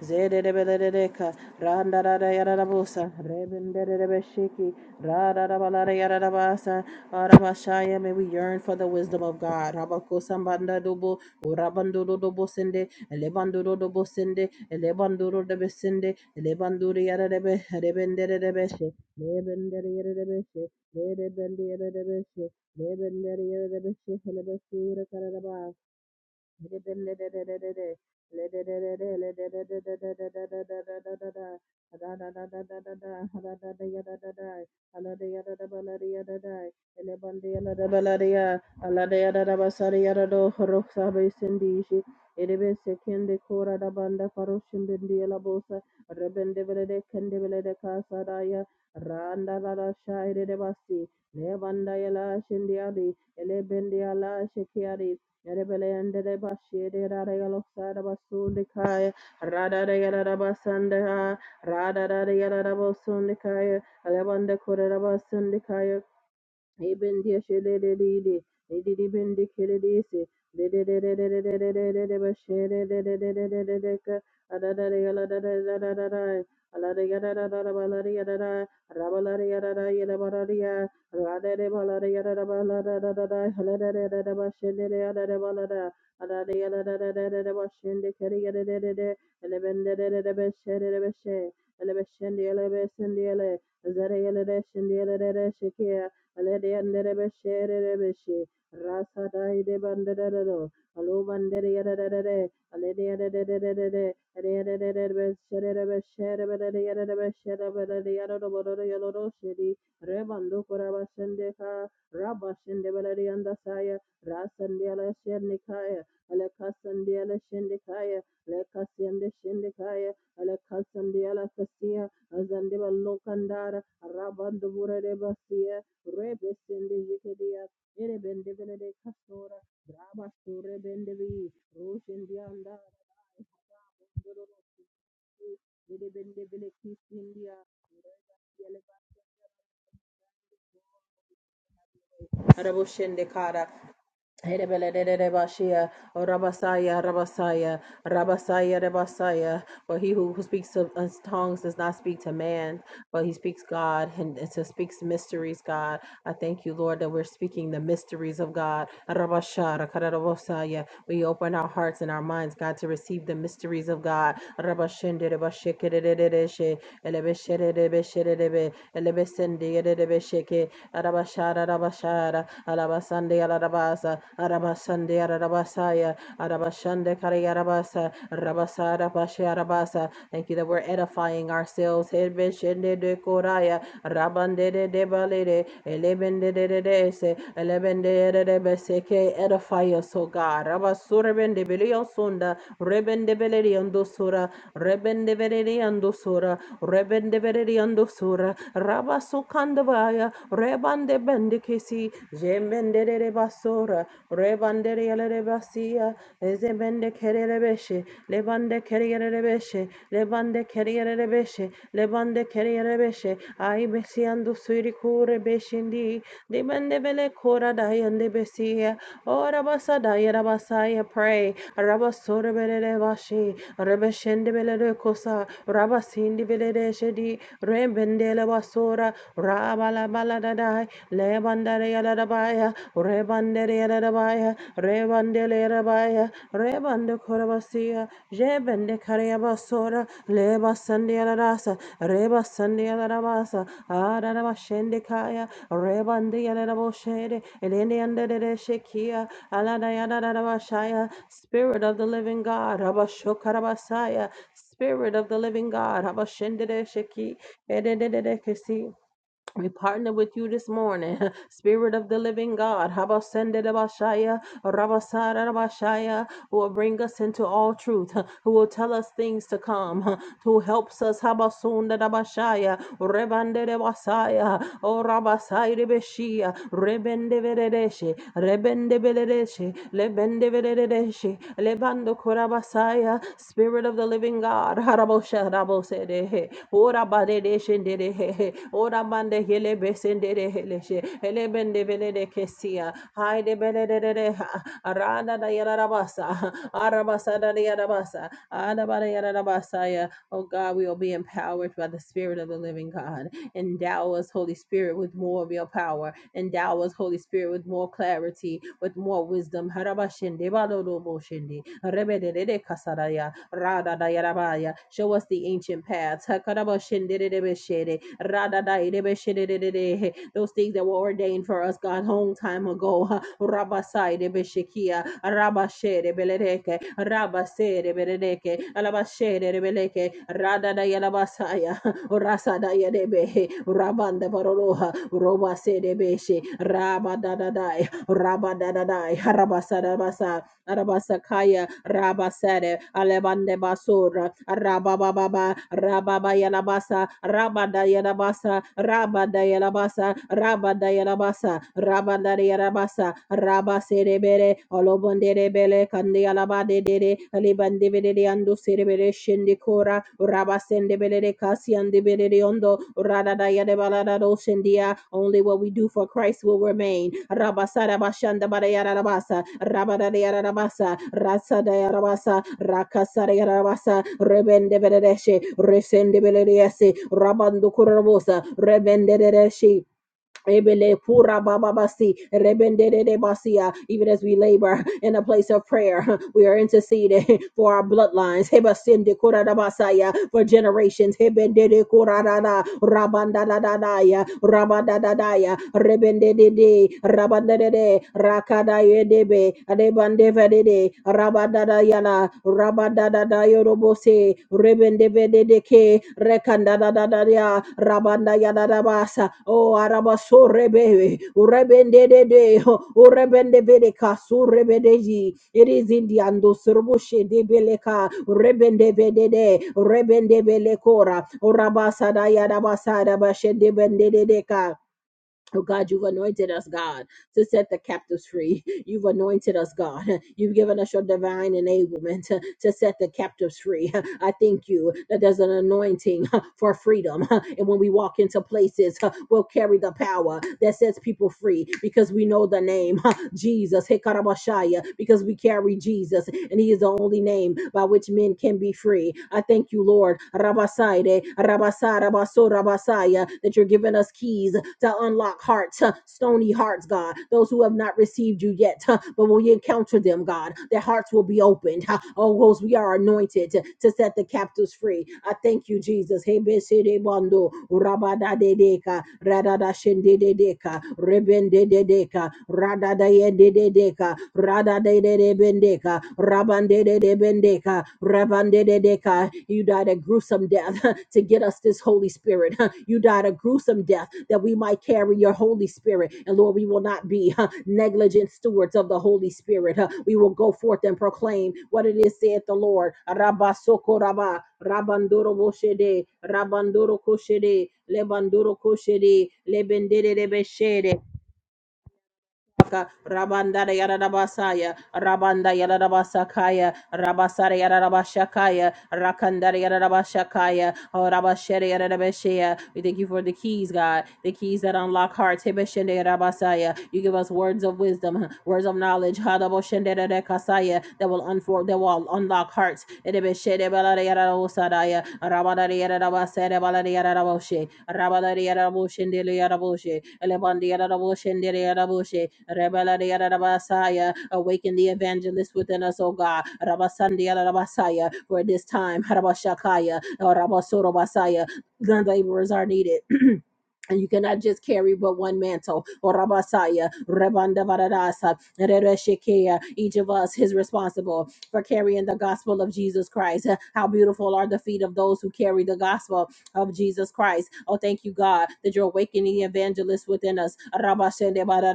Zede Zedebelereka, Randarada Yarabusa, Rebenderebeshiki, Radarabala Yarabasa, Arabashaya, may we yearn for the wisdom of God. Rabakosambanda Dubu, Urabanduru Dubusinde, Elebanduru Dubusinde, Elebanduru Debesinde, Elebanduru Yarebe, Rebenderebeshe, Rebenderebeshe, Rebenderebeshe, Rebenderebeshe, Helebesura Karabas. Randa la shaire de basi, levanda yala shindiali, elebendi ala shekiari, Yerebeleyandere bashiere rarayalosara basundikaya radarayara basandaya radarayara basundikaya alevande korera basundikaya Ibendiya şeleleliydi. Edili bendi keleliyse. Dededededededededede başedededededededeka. Adadada yaladadadadadadada. Alada yadadadada balada yadada. Rabalada yadada yadabarada ya. Radede balada yadada baladadadada. Haladadadada başedede yadada balada. Adada yaladadadadada başende kere yadadadada. Elebendededede beşedede beşe. Elebeşendi elebesindi ele. Zere yelede şindi yelede şekiye alede andere beshere rebeshe rasa dai de banderero alu bandere yadadadade alede yadadadadade ade yadadadade beshere rebeshere bedade yadadade beshere bedade yadadade bodoro yadadade shedi rebando kurabashende ka rabashende bedade yandasaya rasande ala shende kaya ala kasande ala shende kaya ala kasande shende kaya ala kasande azande balokandara rabando burade basiya Rebe sende jekedia, ere bende benede kastora, draba store bende bi, roshende anda, bende bende bele kisindia, reba yeleba Arabushende Kara. Hedebelelelebashia, or Rabasaya, Rabasaya, Rabasaya, Rabasaya. For he who, who speaks of us tongues does not speak to man, but he speaks God and, and so speaks mysteries, God. I thank you, Lord, that we're speaking the mysteries of God. Rabashara, Karabosaya. We open our hearts and our minds, God, to receive the mysteries of God. Rabashende, Rabashike, Elebeshede, Elebeshede, Elebeshede, Elebeshede, Arabashara Rabashara Arabasande Arabasa Arabasande Arabasaya Arabashande Karayarabasa Rabasara Pasharabasa. Thank you that we're edifying ourselves. Hebeshende de Koraya Rabande de Debalede Elebende de de de se Elebende de de beseke edify us, O God. Rabasurebende Belio Sunda Rebende Beledi Sura Rebende Beledi Sura Rebende Beledi Sura Rabasukandavaya rebande bende kesi jemende de basora rebande yelere basia ezebende kerere beshe lebande kerere beshe lebande kerere beshe lebande kerere beshe ay besiando suri kure beshindi dibende bele kora dayende besia ora basa dayera basaya pray rabasora bele bashi rebeshende bele kosa Rabasindi Vedere Shedi, Rebendele basora, Rabala Baladadai, Lebandere Yadabaya, Rebandere Yadabaya, Rebandele Yadabaya, Rebande Korabasia, Jebende Kariabasura, Leba Sandialarasa, Reba Sandialarabasa, Adarabashendikaya, Rebandi Yadaboshede, Elenianda de Shekia, Aladayadabashaya, Spirit of the Living God, Rabashokarabasaya. Spirit of the living God, Habashindere Shiki, Edededede Kisi. we partner with you this morning. Spirit of the living God, Habasendede Bashaya, Rabasara Rabashaya, who will bring us into all truth, who will tell us things to come, who helps us, Habasunda Dabashaya, Rebandede Basaya, O Rabasai Rebeshia, Rebende Beredeshe, Lebendevededeshi, Lebando Korabasaya, Spirit of the Living God, Harabosha Rabosedehe, Ora Badedeshendedehe, Ora Bande Helebesendedehe, Elebendevedekesia, Haide Bedededeha, Arada da Yarabasa, Arabasa da Yarabasa, Adabada Yarabasaya. Oh God, we will be empowered by the Spirit of the Living God. Endow us, Holy Spirit, with more of your power. Endow us, Holy Spirit, with more clarity with more wisdom. Harabashende baloloboshende. Rebedede kasaraya. Rada dayarabaya. Show us the ancient paths. Hakarabashendedebeshede. Rada dayedebeshededede. Those things that were ordained for us, God, long time ago. Rabasai de Beshekia, Rabashe de Beledeke, Rabase de Beledeke, Alabashe de Rada da Yalabasaya, Rasa da Yadebehe, Rabanda Baroloha, Robase de Beshe, Rabada da Rabadadadai, Harabasadabasa, Arabasakaya, Rabasade, Alebande Basura, Rabababa, Rababayalabasa, Rabadayanabasa, Rabadayanabasa, Rabadayanabasa, Rabadayanabasa, Rabaserebere, Olobonderebele, Kandialabade, Libandivide, Andu Serebere, Shindikora, Rabasende belede kasiande belede ondo. Radada yade balada doshendia. Only what we do for Christ will remain. Rabasada bashanda bada rabasa. Rabada rabasa. Rasada rabasa. Rakasada rabasa. Rebende belede Resende belede Rabando kurabosa. Rebende de Ebele pura baba basi, Even as we labor in a place of prayer, we are interceding for our bloodlines. Hebasinde kura For generations. Hebendede kura da da, rebendedede, rabandedede, rakada yedebe, rebandevadede, Rabada da da yorobose, rebende bede deke, rekanda da da da rekanda ya, Rabadadadayodobose, Rebendebedeke, Rekandadadadaya, Rabandayadadabasa, O Arabaso Rebebe, Urebendede, Urebendebedeka, Surebedeji, it is in the Ando Surbushe de Beleka, Rebendebedede, Rebendebelekora, Urabasa Dayadabasa, Dabashe Debendedeka. Oh God, you've anointed us, God to set the captives free. You've anointed us, God. You've given us your divine enablement to, to set the captives free. I thank you that there's an anointing uh, for freedom. And when we walk into places, uh, we'll carry the power that sets people free because we know the name uh, Jesus. Hekarabashaya, Because we carry Jesus, and He is the only name by which men can be free. I thank you, Lord. Rabasaide, Rabasa, Rabaso, Rabasaya, that you're giving us keys to unlock hearts hearts, huh, stony hearts, God, those who have not received you yet. huh, But when you encounter them, God, their hearts will be opened. huh. Oh, Rose, we are anointed to, to set the captives free. I thank you, Jesus. Hey, besede bando, rabada de deka, radada shende de deka, rebende de deka, radada yende de deka, radada de de bendeka, rabande de de bendeka, rabande de deka. You died a gruesome death to get us this Holy Spirit. You died a gruesome death that we might carry your Holy Spirit. And Lord, we will not be huh, negligent stewards of the Holy Spirit. huh. We will go forth and proclaim what it is, saith the Lord. Rabba soko rabba, rabandoro boshede, rabandoro koshede, lebandoro koshede, lebendere Rabanda Yarabasaya, Rabanda Yarabasakaya, Rabasara Yarabashakaya, rakandari Yarabashakaya, O Rabashere Yarabashaya. We thank you for the keys, God, the keys that unlock hearts. Hebeshende Yarabasaya. You give us words of wisdom, words of knowledge, Hadaboshende Rekasaya, that will unfold, that will unlock hearts. Ebeshede balari Yarabosadaya, Rabadare Yarabasere balari Yaraboshe, Rabadare Yaraboshende Yaraboshe, Elebandi Yaraboshe, Raboshe, Rebelade Rabasaya. Awaken the evangelist within us, O God. Rabasandi Rabasaya. For this time, Rabashakaya, or Rabasorobasaya. The laborers are needed. And you cannot just carry but one mantle. Orabasaya, Rebandavarasa, Rereshekea. Each of us is responsible for carrying the gospel of Jesus Christ. How beautiful are the feet of those who carry the gospel of Jesus Christ. Oh, thank you, God, that you're awakening evangelists within us. Rabba shende ba da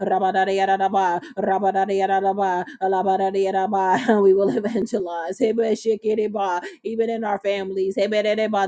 rabba da da ya rabba da da ya alaba da da ya We will evangelize. Hebe shekere ba, Even in our families. Hebe de de ba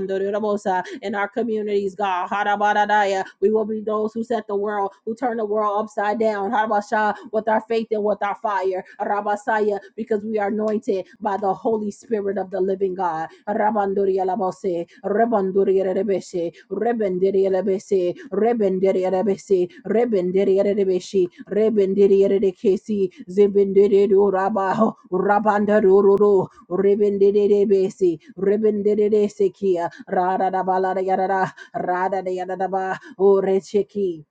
in our communities, God. Harabadadaya. We will be those who set the world, who turn the world upside down. Harabasha, with our faith and with our fire. Rabasaya, because we are anointed by the Holy Spirit of the living God. Rabanduria labose, rebanduria rebese, rebendiria rebese, rebendiria rebese, rebendiria rebese, rebendiria rebese, zebendiria rabaho, rabandaro, rebendiria rebese, rebendiria Ra da da ba la da ya da da. Ra da da ya da da ba. O re ki.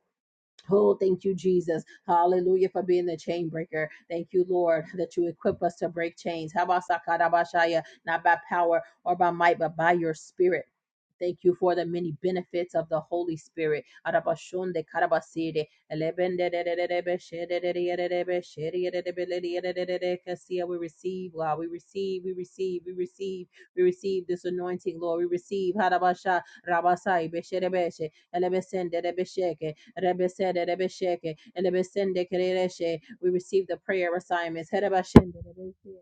Oh, thank you, Jesus. Hallelujah for being the chain breaker. Thank you, Lord, that you equip us to break chains. Habasakarabashaya, Not by power or by might, but by your spirit. Thank you for the many benefits of the Holy Spirit. Arabashunde karabasire, elebendedededebe, shededededebe, shededededebe, kasia. We receive, God. We receive, we receive, we receive, we receive this anointing, Lord. We receive. Harabasha, rabasai, besherebeshe, elebesendedebesheke, Rebesede, Rebesheke, Elebesende, Kerereshe. We receive the prayer assignments. Herebashende, Rebeshe.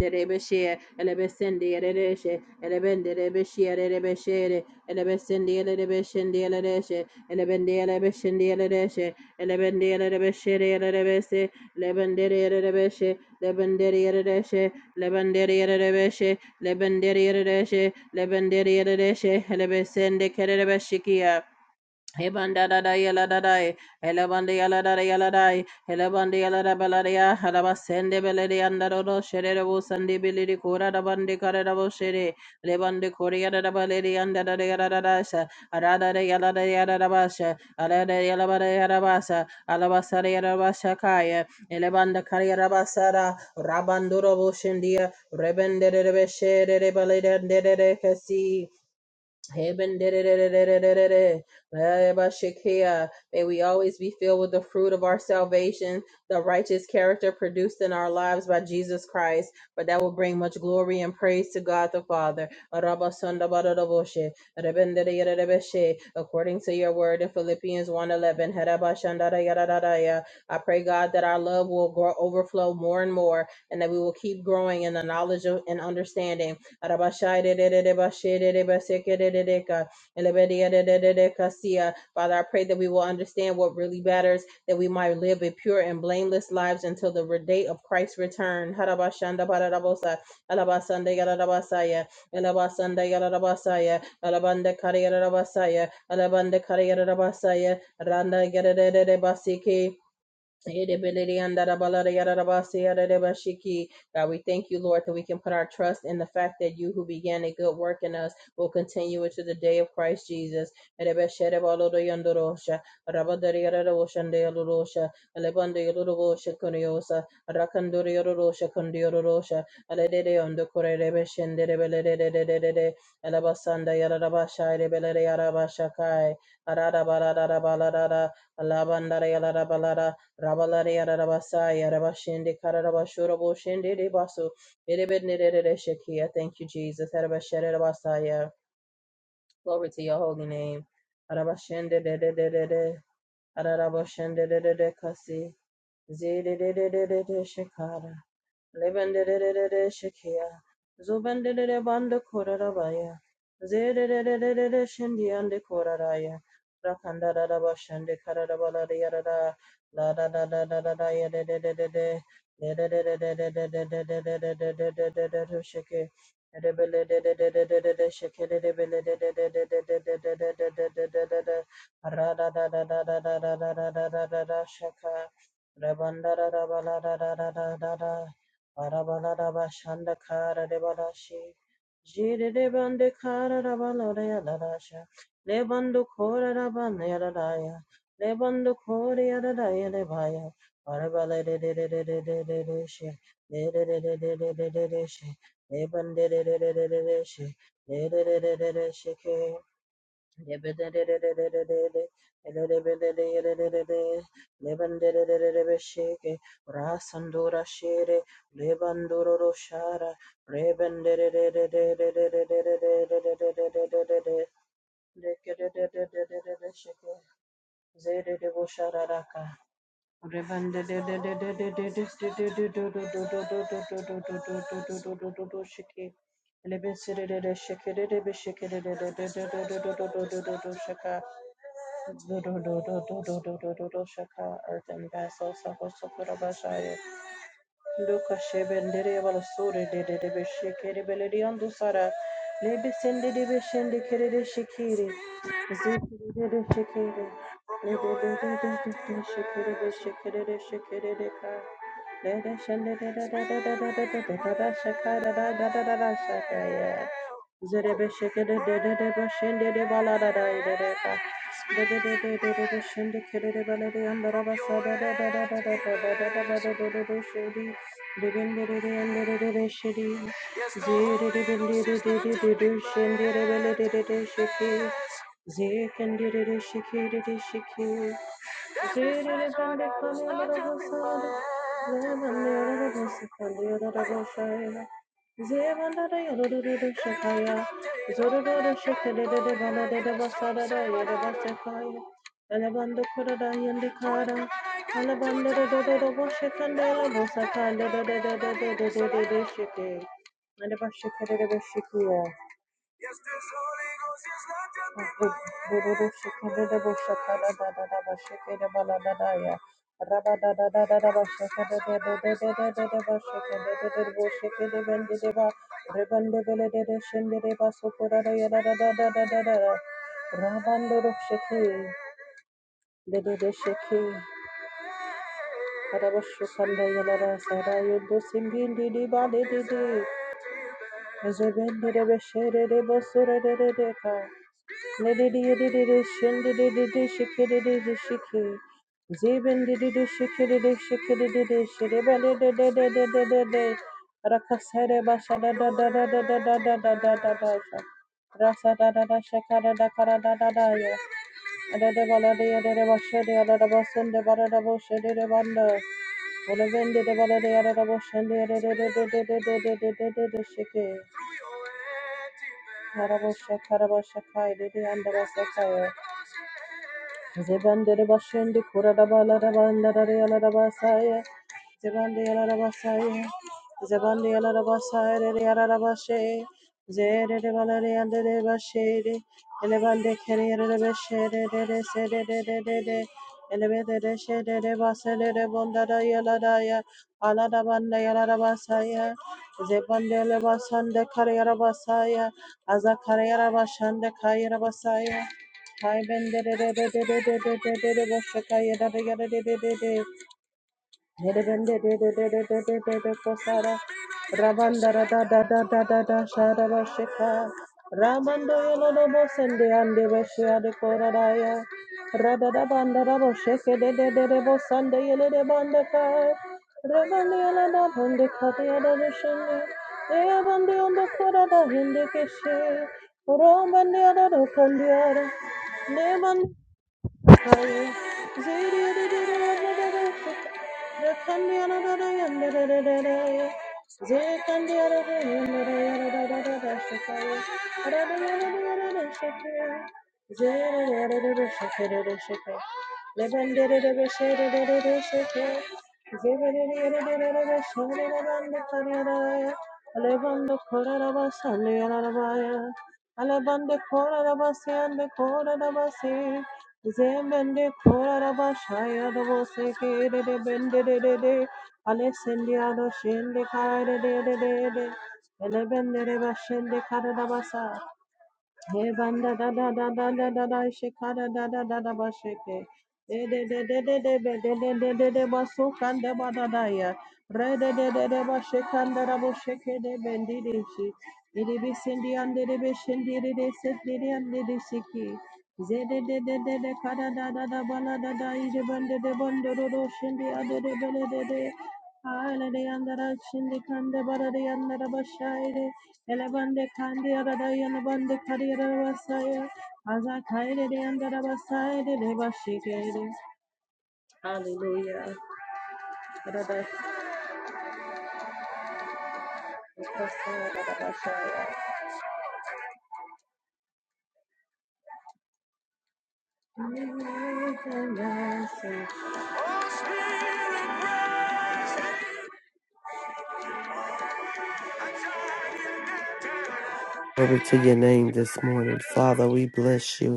Rebeshe, Elebesende, Erereshe, Elebende, Rebeshe, Erebeshere, Elebesende, Erebeshende, Erereshe, Elebende, Erebeshende, Erereshe, Elebende, Erebeshere, Erebese, Lebende, Erebeshe, Lebende, Erereshe, Lebende, Erebeshe, Lebende, Erereshe, Lebende, Erereshe, Elebesende, Kerereshikia. Hebanda da da Ebandada yaladai, Elabandi yalada yaladai, Elabandi yalada balaria, Halabasende beledi andado, Sherebo sandi bilidi kura da bandi karadabo shere, Lebandi korea da baledi andada yaladasa, Arada yalada yaladabasha, Alada yalabada yalabasa, Alabasara yalabasha kaya, Elebanda kariarabasara, Rabanduro boshindia, Rebende de beshere, Balede de Cassi. Heaven, da- May we always be filled with the fruit of our salvation, the righteous character produced in our lives by Jesus Christ, for that will bring much glory and praise to God the Father. Araba sonda According to your word in Philippians one eleven, Heraba I pray, God, that our love will grow, overflow more and more, and that we will keep growing in the knowledge of, and understanding Arabashai de de de de bashe de de baseke de de de Elebedia de de de de kasia. Father, I pray that we will understand what really matters, that we might live a pure and blameless lives until the day of Christ's return. Harabashanda bararabosa. Alabasanda yararabasaya. Alabasanda yararabasaya. Alabanda kariyararabasaya. Alabanda kariyararabasaya. Randa yarararabasike. Yedebelele yandarabalada yararabasi yararabashiki. God, we thank you, Lord, that we can put our trust in the fact that you who began a good work in us will continue it to the day of Christ Jesus. Erebesherebalodo yandorosha, rabadari yararosha ndeyalorosha, alebande yalorosha kunyosa, rakandori yarorosha kundiyororosha, aledede yondokore rebeshenderebelelelelelelele, alabasanda yararabasha erebelele yarabashakai, ararabalarabalarara, Alabandara yararabalara, Rabalare Yarabasa Yarabashende Karabashurabo Shende Debasu Erebednere Shekia. Thank you, Jesus. Arabasharabasaya. Glory to your holy name. Arabashende de de de de de. Arabashende de de de kasi. Zede de de de de de shekara. Lebenderere Shekia, Zobenderere Banda Korarabaya, Zerere Shindian de Koraraya, Rakandara Bashande Karabala Yarada, La da da da da da da ya de de de de de, de de de de de de de de de de de de de de de de Sheke, Rebele de de de de de de de Sheke, Rebele de de de de de de de de de de de de de de de, Ra da da da da da da da da da da da da da Shaka, Rabandara Rabala da da da da da da. Arabalarabashanda kara rebarashi. Jiri rebande kara rabalore yadarasha. Lebando kore rabane yadadaya. Lebando kore yadadaya lebaya. Arabalere Lebande she. Lebande she. Lebande she. Lebande she. Rasandura Shere, Lebanduro Roshara, Reben Shaka do do do do do do do do do do Shaka, earth and vessel, Sako Sokurabashaya, Luka Shebendere Balasuri, Dedebe Shikiri Beledi Andusara, Libisindi Dibishindi Kiridi Shikiri, Zikiri de de Shikiri, Libidi Shikiri de Shikiri de Shikiri de ka Zere Zikandiri shikiri shiki, Every session that is not justified to praise. Alabanda my Rabba Rabba Rakasere Zebandere bashende kuraraba larabandarare alarabasaya. Zebande alarabasaya. Zebande alarabasaya rere alarabashe. Zerere balare andere bashere. Elebande kerere beshere rere sere rere rere. Elebede de shere de basere de se de de de de de Ele be de. de she Ele bondara yaladaya. Aladabanda yalarabasaya. Zebande lebasande karayarabasaya. Azakarayarabashande kayarabasaya. Hi Ben de de de de de de de de de de Boshakaya da da da de de de de Hele ben de de de de de de de de de Kosara Rabanda da da da da da da da Shara Boshika Ramando yolo no bosende ande beshia de koradaya Rada da banda da bosheke de de de de bosande yele de banda ka Rabanda yolo no bonde kaya da boshende Ea bande yondo korada hindi keshe Romande yada do kandiara Neman Alebande kora rabasi ande kora rabasi, Zemende koraraba şaya da bo seke de de bende de de de Alexandria do şende kare de de de de Ele bende de ba şende kare da basa he banda da da da da da da da shekada da da da da ba sheke. De de de de de de be de de de de de ba sukanda ba da da ya. Re de de de de ba shekanda da bo sheke de bendi de shi. Iri bi sindi ande de be shindi de de se de de ande de shiki. Ze de de de de de kada da da da ba la da da ije bende de bende do do shindi ade de bele de de. Ala de andara shindi kanda ba da de andara ba shaire. Elebande kandi aradaya lebande kari arabasaya. Aza kaire de andara basaya de leba shikere. Hallelujah. Arada- Arabasaya, arabasaya. Yes, yes, yes, yes.
Glory to your name this morning. Father, we bless you.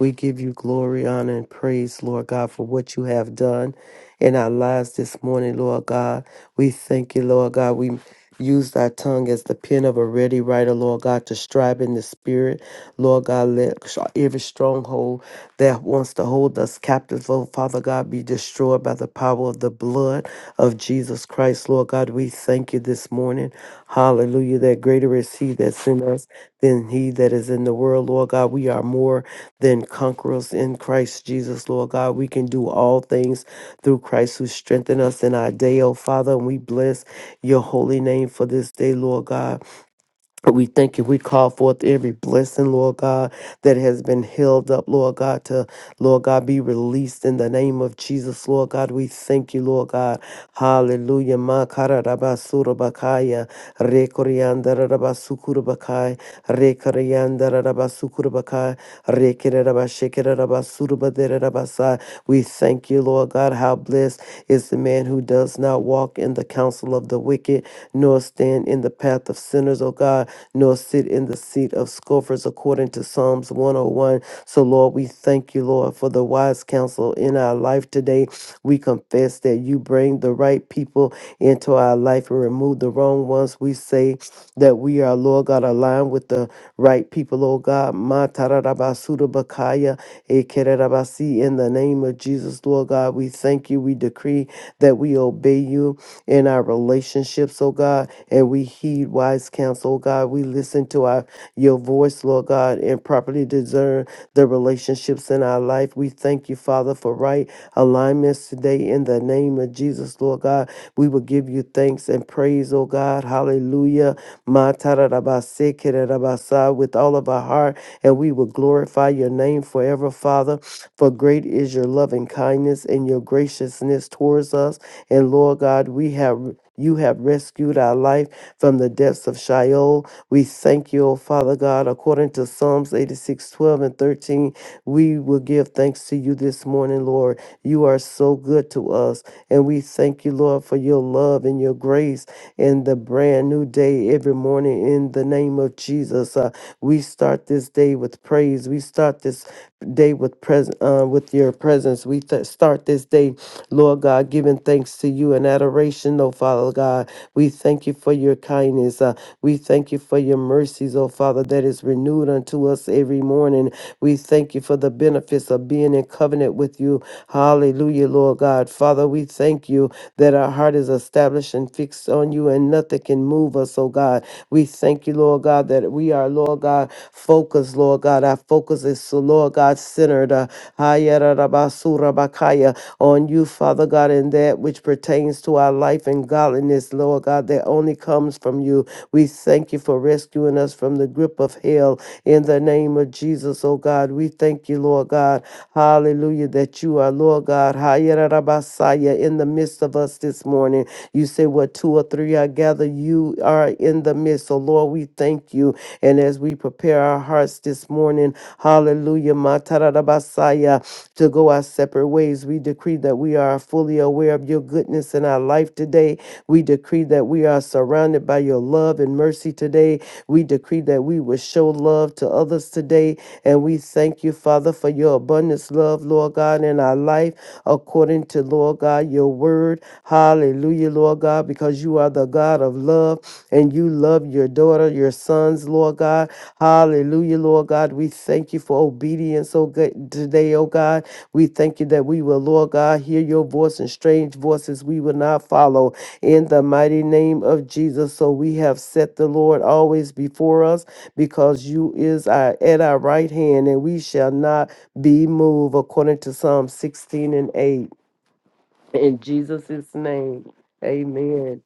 We give you glory, honor, and praise, Lord God, for what you have done in our lives this morning, Lord God. We thank you, Lord God. We use our tongue as the pen of a ready writer, Lord God, to strive in the spirit. Lord God, let every stronghold that wants to hold us captive, oh Father God, be destroyed by the power of the blood of Jesus Christ, Lord God. We thank you this morning. Hallelujah. That greater is He that's in us than He that is in the world, Lord God. We are more than conquerors in Christ Jesus, Lord God. We can do all things through Christ who strengthen us in our day, oh Father. And we bless your holy name for this day, Lord God. We thank you. We call forth every blessing, Lord God, that has been held up, Lord God, to, Lord God, be released in the name of Jesus, Lord God. We thank you, Lord God. Hallelujah. Makararabasurabakaya, rekoriandarabasukurabakai, rekoriandarabasukurabakai, rekererabashekererabasurubadere- Rabasa. We thank you, Lord God, how blessed is the man who does not walk in the counsel of the wicked, nor stand in the path of sinners, O God, nor sit in the seat of scoffers, according to Psalms 101. So, Lord, we thank you, Lord, for the wise counsel in our life today. We confess that you bring the right people into our life and remove the wrong ones. We say, that we are, Lord God, aligned with the right people, Lord God. Ma tararabasuda Bakaya, Ekerabasi, in the name of Jesus, Lord God, we thank you. We decree that we obey you in our relationships, oh God, and we heed wise counsel, oh God. We listen to our our your voice, Lord God, and properly discern the relationships in our life. We thank you, Father, for right alignments today in the name of Jesus, Lord God. We will give you thanks and praise, oh God. Hallelujah. Ma ta ra ra ba se ke ra ra ba sa With all of our heart, and we will glorify your name forever, Father. For great is your loving kindness and your graciousness towards us. And Lord God, we have you have rescued our life from the depths of Sheol. We thank you, O Father God, according to Psalms 86, 12, and 13. We will give thanks to you this morning, Lord. You are so good to us. And we thank you, Lord, for your love and your grace in the brand new day every morning in the name of Jesus. Uh, we start this day with praise. We start this day with present uh, with your presence. We th- start this day, Lord God, giving thanks to you and adoration, oh Father God. We thank you for your kindness. Uh, we thank you for your mercies, oh Father, that is renewed unto us every morning. We thank you for the benefits of being in covenant with you Hallelujah, Lord God. Father, we thank you that our heart is established and fixed on you and nothing can move us, oh God. We thank you, Lord God, that we are, Lord God, focused, Lord God. Our focus is, so, Lord God, centered uh, Hayarabasura-bakaya, on you, Father God, and that which pertains to our life and godliness, Lord God, that only comes from you. We thank you for rescuing us from the grip of hell in the name of Jesus, oh God. We thank you, Lord God. Lord God. Hallelujah, that you are, Lord God, Hayarabasaya, in the midst of us this morning. You say, What two or three are gathered, you are in the midst. So, Lord, we thank you. And as we prepare our hearts this morning, hallelujah, Matarabasaya, to go our separate ways, we decree that we are fully aware of your goodness in our life today. We decree that we are surrounded by your love and mercy today. We decree that we will show love to others today today. And we thank you, Father, for your abundance, love, Lord God, in our life, according to, Lord God, your word. Hallelujah, Lord God, because you are the God of love and you love your daughter, your sons, Lord God. Hallelujah, Lord God. We thank you for obedience, oh God, today, oh God. We thank you that we will, Lord God, hear your voice and strange voices we will not follow in the mighty name of Jesus. So we have set the Lord always before us because you is our, at our right hand, and we shall not be moved, according to Psalm 16 and 8. In Jesus' name, amen.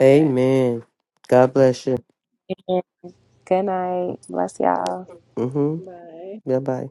Amen. God bless you.
And good night. Bless y'all.
Mm-hmm. Bye bye.